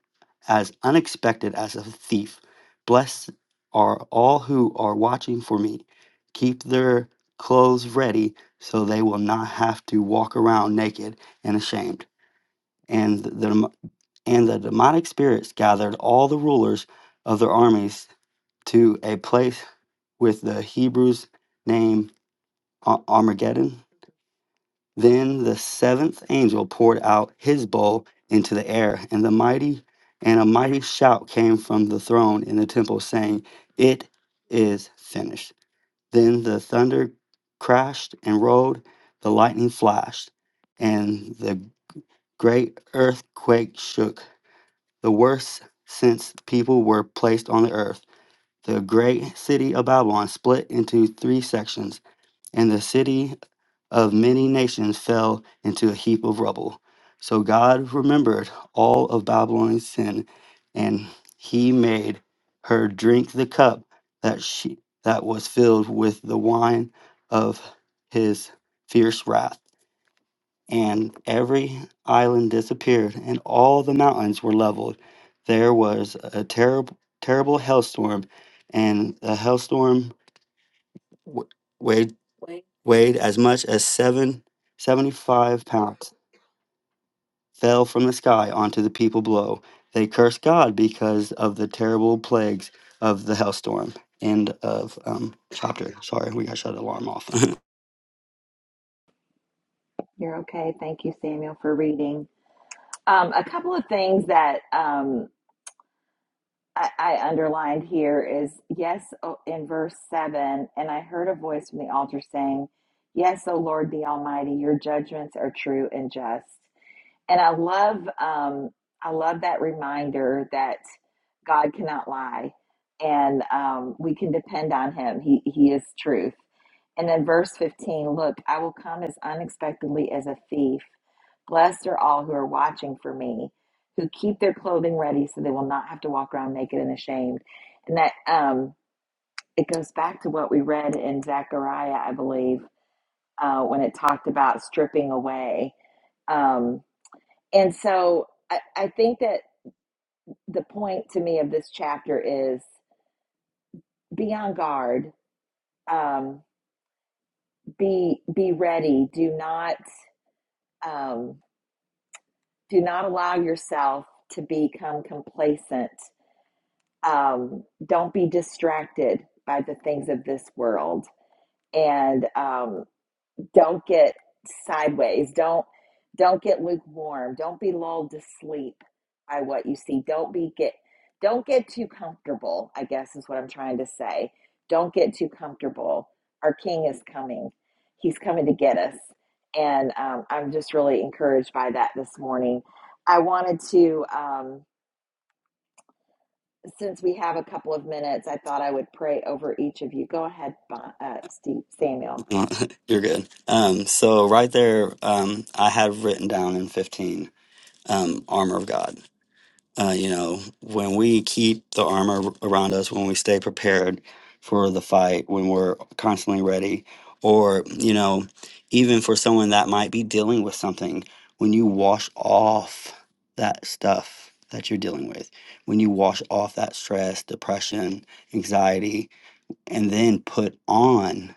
as unexpected as a thief. Blessed are all who are watching for me. Keep their clothes ready so they will not have to walk around naked and ashamed. And the, and the demonic spirits gathered all the rulers of their armies to a place with the Hebrews name Ar- Armageddon then the seventh angel poured out his bowl into the air, and the mighty and a mighty shout came from the throne in the temple saying, "It is finished." Then the thunder crashed and rolled, the lightning flashed, and the great earthquake shook, the worst since people were placed on the earth. The great city of Babylon split into three sections, and the city of many nations fell into a heap of rubble. So God remembered all of Babylon's sin, and he made her drink the cup that she that was filled with the wine of his fierce wrath. And every island disappeared, and all the mountains were leveled. There was a terrible terrible hailstorm, and the hailstorm wa- weighed as much as seven seventy-five pounds, fell from the sky onto the people below. They cursed God because of the terrible plagues of the hailstorm. End of um, chapter. Sorry, we got shut the alarm off.
You're okay. Thank you, Samuel, for reading. Um, a couple of things that um, I, I underlined here is yes, oh, in verse 7, and I heard a voice from the altar saying, Yes, O Lord the Almighty, your judgments are true and just. And I love um, I love that reminder that God cannot lie, and um, we can depend on Him. He He is truth. And then verse fifteen, look, I will come as unexpectedly as a thief. Blessed are all who are watching for me, who keep their clothing ready so they will not have to walk around naked and ashamed. And that um, it goes back to what we read in Zechariah, I believe, uh, when it talked about stripping away. um, and so I, I think that the point to me of this chapter is be on guard, um, be be ready. Do not um, do not allow yourself to become complacent. Um, don't be distracted by the things of this world. And um, Don't get sideways. Don't don't get lukewarm. Don't be lulled to sleep by what you see. Don't be get don't get too comfortable, I guess is what I'm trying to say. Don't get too comfortable. Our king is coming. He's coming to get us. And um, I'm just really encouraged by that this morning. I wanted to, um, since we have a couple of minutes, I thought I would pray over each of you. Go ahead, Bon- uh, Steve, Samuel.
You're good. Um, so right there, um, I have written down in 15 um, armor of God Uh, you know, when we keep the armor around us, when we stay prepared for the fight, when we're constantly ready, or, you know, even for someone that might be dealing with something, when you wash off that stuff that you're dealing with, when you wash off that stress, depression, anxiety, and then put on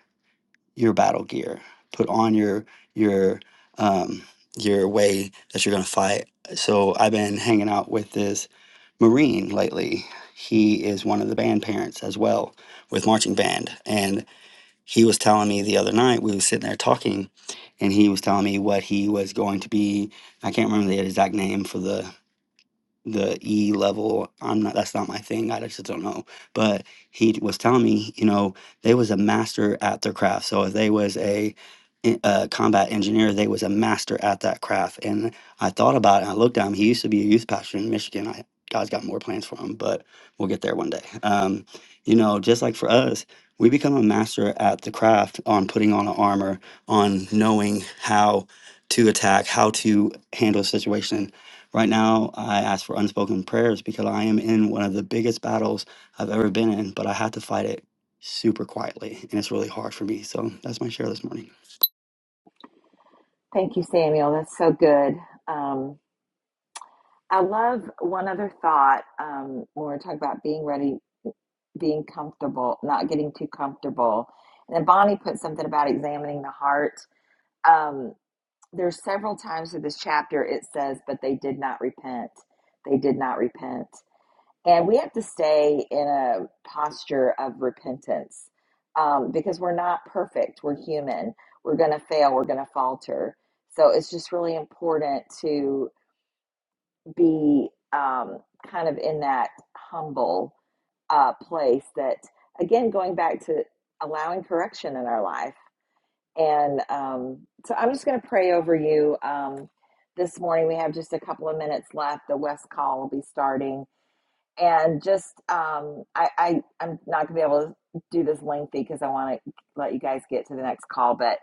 your battle gear, put on your, your, um, your way that you're going to fight. So I've been hanging out with this Marine lately. He is one of the band parents as well with marching band. And he was telling me the other night, we were sitting there talking, and he was telling me what he was going to be. I can't remember the exact name for the the E level. I'm not. That's not my thing. I just don't know. But he was telling me, you know, they was a master at their craft. So if they was a, en- a combat engineer, they was a master at that craft. And I thought about it. And I looked at him. He used to be a youth pastor in Michigan. I God's got more plans for him, but we'll get there one day. Um, you know, just like for us, we become a master at the craft on putting on an armor, on knowing how to attack, how to handle a situation Right now, I ask for unspoken prayers because I am in one of the biggest battles I've ever been in, but I have to fight it super quietly, and it's really hard for me. So that's my share this morning.
Thank you, Samuel. That's so good. Um, I love one other thought um, when we're talking about being ready, being comfortable, not getting too comfortable. And then Bonnie put something about examining the heart. Um, there's several times in this chapter it says, but they did not repent. They did not repent. And we have to stay in a posture of repentance um, because we're not perfect. We're human. We're going to fail. We're going to falter. So it's just really important to be um, kind of in that humble uh, place that, again, going back to allowing correction in our life. And um, so I'm just going to pray over you um, this morning. We have just a couple of minutes left. The West call will be starting. And just, um, I, I, I'm not going to be able to do this lengthy because I want to let you guys get to the next call, but.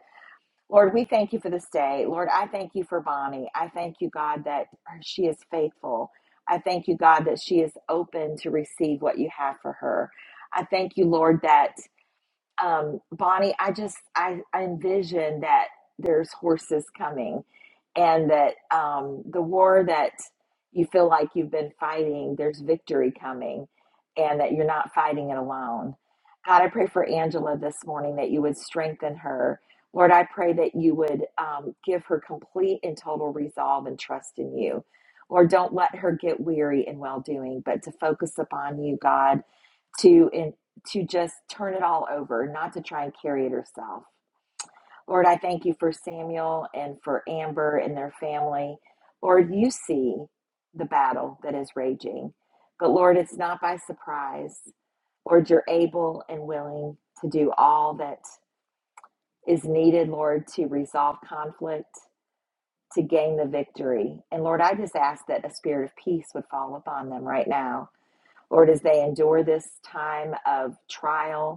Lord, we thank you for this day. Lord, I thank you for Bonnie. I thank you, God, that she is faithful. I thank you, God, that she is open to receive what you have for her. I thank you, Lord, that um, Bonnie, I just I, I envision that there's horses coming, and that um, the war that you feel like you've been fighting, there's victory coming, and that you're not fighting it alone. God, I pray for Angela this morning that you would strengthen her. Lord, I pray that you would um, give her complete and total resolve and trust in you. Lord, don't let her get weary in well doing, but to focus upon you, God, to in to just turn it all over, not to try and carry it herself. Lord, I thank you for Samuel and for Amber and their family. Lord, you see the battle that is raging, but Lord, it's not by surprise. Lord, you're able and willing to do all that is needed, Lord, to resolve conflict, to gain the victory. And Lord, I just ask that a spirit of peace would fall upon them right now. Lord, as they endure this time of trial,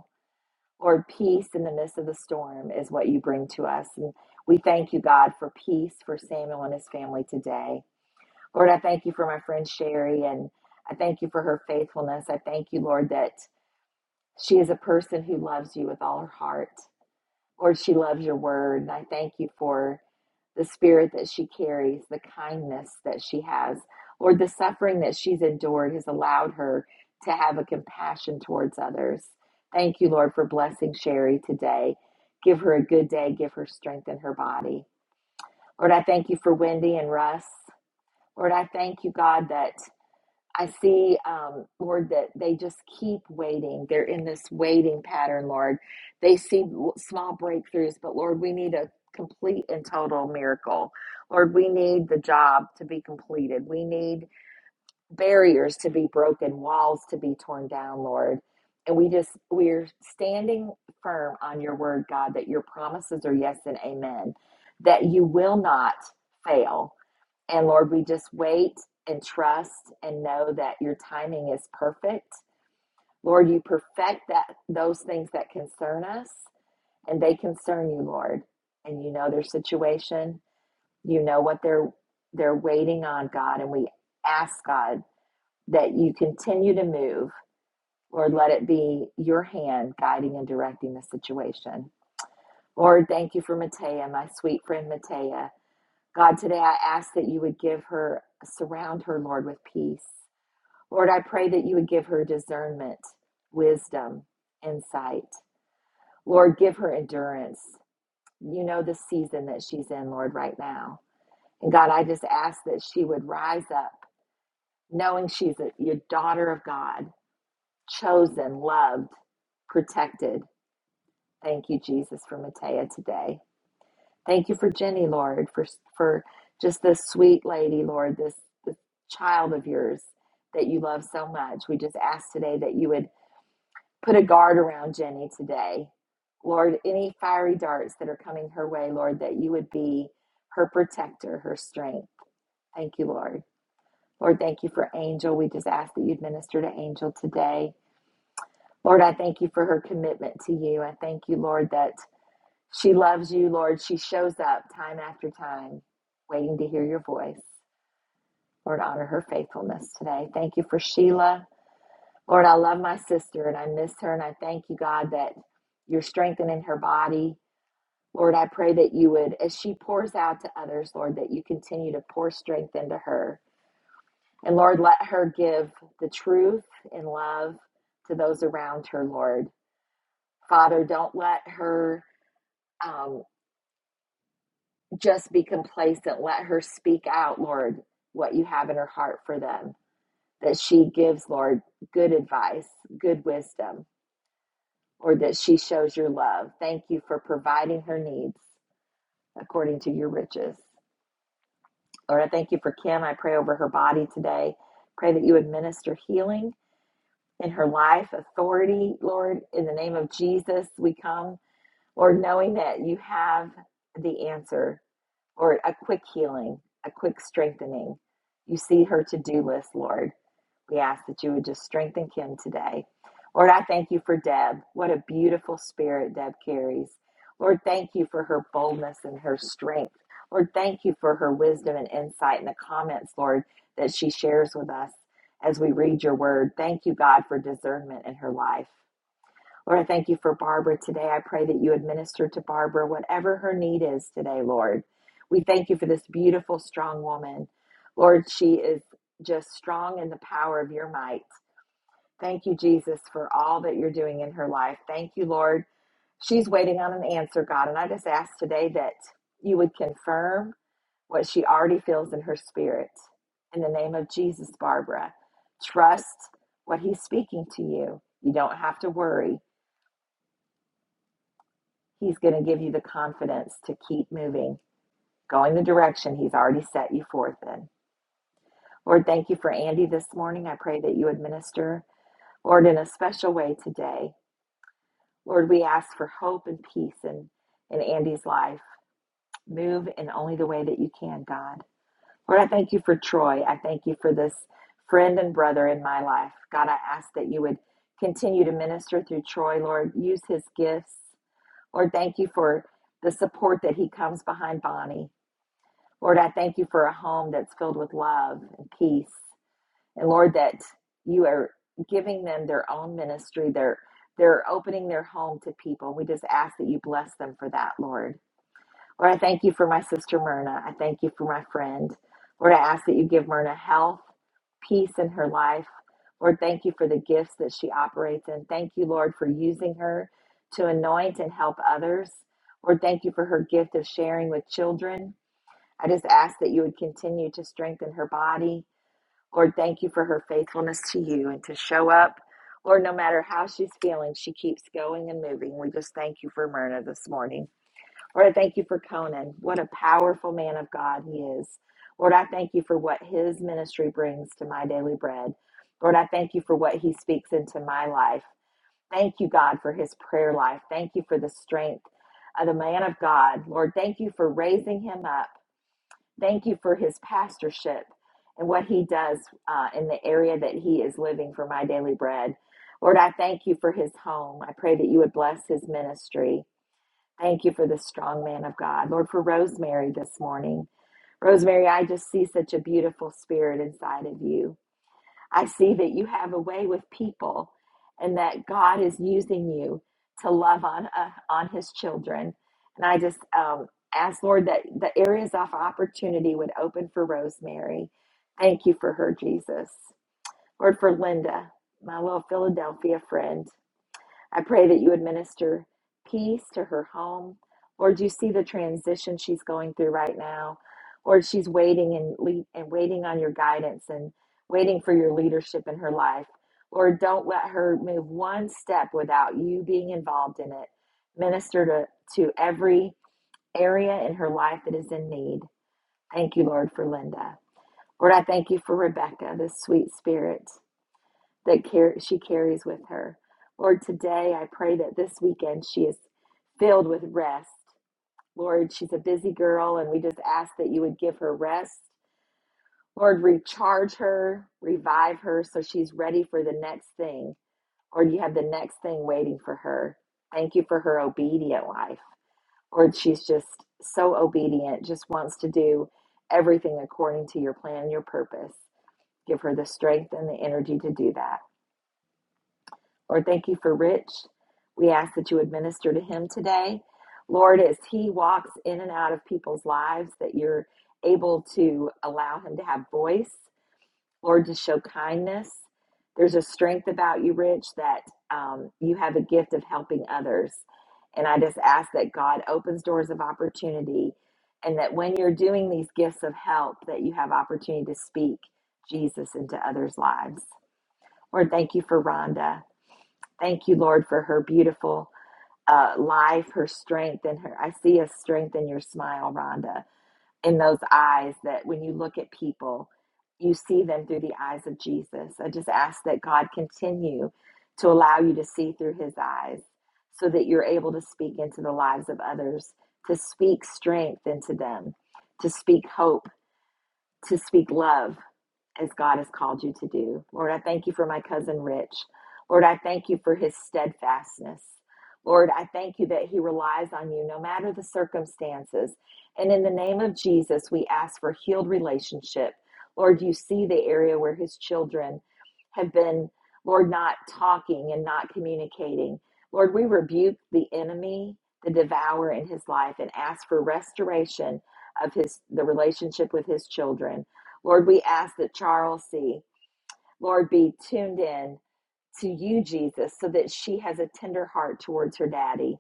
Lord, peace in the midst of the storm is what you bring to us. And we thank you, God, for peace for Samuel and his family today. Lord, I thank you for my friend Sherry and I thank you for her faithfulness. I thank you, Lord, that she is a person who loves you with all her heart. Lord, she loves your word. And I thank you for the spirit that she carries, the kindness that she has. Lord, the suffering that she's endured has allowed her to have a compassion towards others. Thank you, Lord, for blessing Sherry today. Give her a good day, give her strength in her body. Lord, I thank you for Wendy and Russ. Lord, I thank you, God, that I see, um, Lord, that they just keep waiting. They're in this waiting pattern, Lord. They see small breakthroughs, but Lord, we need a complete and total miracle. Lord, we need the job to be completed. We need barriers to be broken, walls to be torn down, Lord. And we just, we're standing firm on your word, God, that your promises are yes and amen, that you will not fail and Lord, we just wait and trust and know that your timing is perfect. Lord, you perfect that those things that concern us and they concern you, Lord. And you know their situation. You know what they're they're waiting on, God, and we ask God that you continue to move. Lord, let it be your hand guiding and directing the situation. Lord, thank you for Matea, my sweet friend Matea. God, today I ask that you would give her, surround her, Lord, with peace. Lord, I pray that you would give her discernment, wisdom, insight. Lord, give her endurance. You know the season that she's in, Lord, right now. And God, I just ask that she would rise up knowing she's a, your daughter of God, chosen, loved, protected. Thank you, Jesus, for Matea today. Thank you for Jenny, Lord, for, for just this sweet lady, Lord, this, this child of yours that you love so much. We just ask today that you would Put a guard around Jenny today. Lord, any fiery darts that are coming her way, Lord, that you would be her protector, her strength. Thank you, Lord. Lord, thank you for Angel. We just ask that you'd minister to Angel today. Lord, I thank you for her commitment to you. I thank you, Lord, that she loves you, Lord. She shows up time after time, waiting to hear your voice. Lord, honor her faithfulness today. Thank you for Sheila. Lord, I love my sister and I miss her, and I thank you, God, that you're strengthening her body. Lord, I pray that you would, as she pours out to others, Lord, that you continue to pour strength into her. And Lord, let her give the truth and love to those around her, Lord. Father, don't let her um, just be complacent. Let her speak out, Lord, what you have in her heart for them, that she gives, Lord, good advice, good wisdom. or that she shows your love. Thank you for providing her needs according to your riches. Lord, I thank you for Kim. I pray over her body today. Pray that you administer healing in her life, authority, Lord. In the name of Jesus, we come. Lord, knowing that you have the answer, or a quick healing, a quick strengthening. You see her to do list, Lord. We ask that you would just strengthen Kim today. Lord, I thank you for Deb. What a beautiful spirit Deb carries. Lord, thank you for her boldness and her strength. Lord, thank you for her wisdom and insight and the comments, Lord, that she shares with us as we read your word. Thank you, God, for discernment in her life. Lord, I thank you for Barbara today. I pray that you administer to Barbara whatever her need is today, Lord. We thank you for this beautiful, strong woman. Lord, she is just strong in the power of your might. Thank you, Jesus, for all that you're doing in her life. Thank you, Lord. She's waiting on an answer, God. And I just ask today that you would confirm what she already feels in her spirit. In the name of Jesus, Barbara, trust what he's speaking to you. You don't have to worry. He's going to give you the confidence to keep moving, going the direction He's already set you forth in. Lord, thank you for Andy this morning. I pray that you would minister, Lord, in a special way today. Lord, we ask for hope and peace in, in Andy's life. Move in only the way that you can, God. Lord, I thank you for Troy. I thank you for this friend and brother in my life. God, I ask that you would continue to minister through Troy, Lord. Use his gifts. Lord, thank you for the support that he comes behind Bonnie. Lord, I thank you for a home that's filled with love and peace. And Lord, that you are giving them their own ministry. They're they're opening their home to people. We just ask that you bless them for that, Lord. Lord, I thank you for my sister Myrna. I thank you for my friend. Lord, I ask that you give Myrna health, peace in her life. Lord, thank you for the gifts that she operates in. Thank you, Lord, for using her to anoint and help others. Lord, thank you for her gift of sharing with children. I just ask that you would continue to strengthen her body. Lord, thank you for her faithfulness to you and to show up. Lord, no matter how she's feeling, she keeps going and moving. We just thank you for Myrna this morning. Lord, I thank you for Conan. What a powerful man of God he is. Lord, I thank you for what his ministry brings to my daily bread. Lord, I thank you for what he speaks into my life. Thank you, God, for his prayer life. Thank you for the strength of the man of God. Lord, thank you for raising him up. Thank you for his pastorship and what he does uh, in the area that he is living for my daily bread. Lord, I thank you for his home. I pray that you would bless his ministry. Thank you for this strong man of God. Lord, for Rosemary this morning. Rosemary, I just see such a beautiful spirit inside of you. I see that you have a way with people and that God is using you to love on uh, on his children. And I just um, ask, Lord, that the areas of opportunity would open for Rosemary. Thank you for her, Jesus. Lord, for Linda, my little Philadelphia friend. I pray that you administer peace to her home. Lord, you see the transition she's going through right now. Lord, she's waiting and lead, and waiting on your guidance and waiting for your leadership in her life. Lord, don't let her move one step without you being involved in it. Minister to, to every area in her life that is in need. Thank you, Lord, for Linda. Lord, I thank you for Rebecca, this sweet spirit that car- she carries with her. Lord, today I pray that this weekend she is filled with rest. Lord, she's a busy girl, and we just ask that you would give her rest. Lord, recharge her, revive her so she's ready for the next thing. Lord, you have the next thing waiting for her. Thank you for her obedient life. Lord, she's just so obedient, just wants to do everything according to your plan and your purpose. Give her the strength and the energy to do that. Lord, thank you for Rich. We ask that you would minister to him today. Lord, as he walks in and out of people's lives, that you're able to allow him to have voice. Lord, to show kindness. There's a strength about you, Rich, that um, you have a gift of helping others. And I just ask that God opens doors of opportunity and that when you're doing these gifts of help, that you have opportunity to speak Jesus into others' lives. Lord, thank you for Rhonda. Thank you, Lord, for her beautiful uh, life, her strength, and her. I see a strength in your smile, Rhonda, in those eyes that when you look at people, you see them through the eyes of Jesus. I just ask that God continue to allow you to see through his eyes so that you're able to speak into the lives of others, to speak strength into them, to speak hope to speak love as God has called you to do. Lord, I thank you for my cousin Rich. Lord, I thank you for his steadfastness. Lord, I thank you that he relies on you no matter the circumstances. And in the name of Jesus, we ask for healed relationship. Lord, you see the area where his children have been, Lord, not talking and not communicating. Lord, we rebuke the enemy, the devourer in his life, and ask for restoration of his the relationship with his children. Lord, we ask that Charles C. Lord be tuned in to you, Jesus, so that she has a tender heart towards her daddy.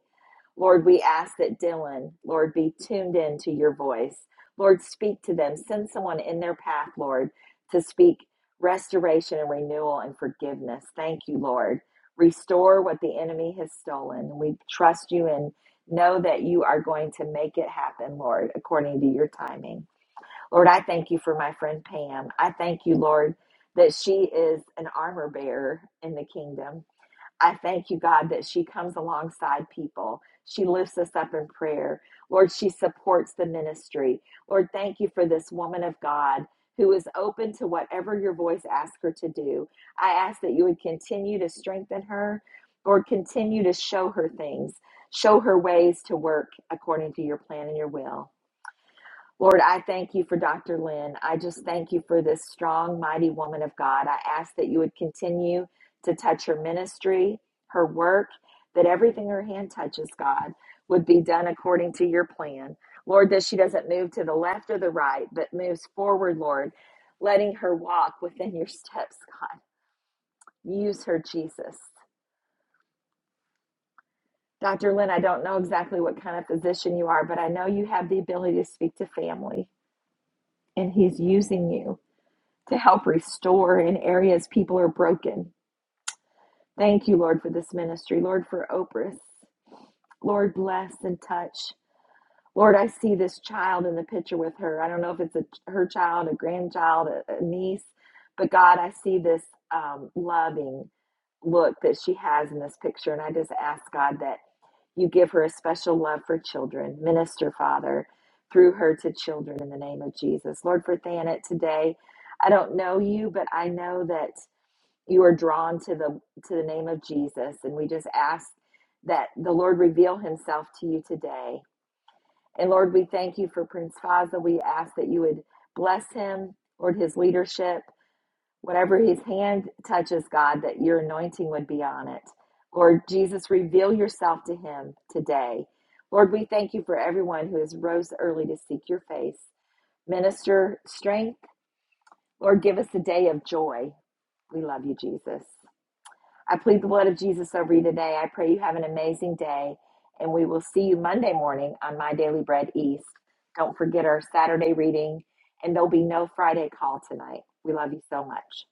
Lord, we ask that Dylan, Lord, be tuned in to your voice. Lord, speak to them. Send someone in their path, Lord, to speak restoration and renewal and forgiveness. Thank you, Lord. Restore what the enemy has stolen. We trust you and know that you are going to make it happen, Lord, according to your timing. Lord, I thank you for my friend Pam. I thank you, Lord, that she is an armor bearer in the kingdom. I thank you, God, that she comes alongside people. She lifts us up in prayer. Lord, she supports the ministry. Lord, thank you for this woman of God who is open to whatever your voice asks her to do. I ask that you would continue to strengthen her. Lord, continue to show her things, show her ways to work according to your plan and your will. Lord, I thank you for Dr. Lynn. I just thank you for this strong, mighty woman of God. I ask that you would continue to touch her ministry, her work, that everything her hand touches, God, would be done according to your plan. Lord, that she doesn't move to the left or the right, but moves forward, Lord, letting her walk within your steps, God. Use her, Jesus. Dr. Lynn, I don't know exactly what kind of physician you are, but I know you have the ability to speak to family, and He's using you. to help restore in areas people are broken. Thank you, Lord, for this ministry. Lord, for Oprah. Lord, bless and touch. Lord, I see this child in the picture with her. I don't know if it's a, her child, a grandchild, a, a niece, but God, I see this um, loving look that she has in this picture. And I just ask God that you give her a special love for children. Minister, Father, through her to children in the name of Jesus. Lord, for Thanet today, I don't know you, but I know that you are drawn to the to the name of Jesus and we just ask that the Lord reveal himself to you today. And Lord, we thank you for Prince Faza. We ask that you would bless him, Lord, his leadership, whatever his hand touches, God, that your anointing would be on it. Lord Jesus, reveal yourself to him today. Lord, we thank you for everyone who has rose early to seek your face. Minister strength. Lord, give us a day of joy. We love you, Jesus. I plead the blood of Jesus over you today. I pray you have an amazing day, and we will see you Monday morning on My Daily Bread East. Don't forget our Saturday reading, and there'll be no Friday call tonight. We love you so much.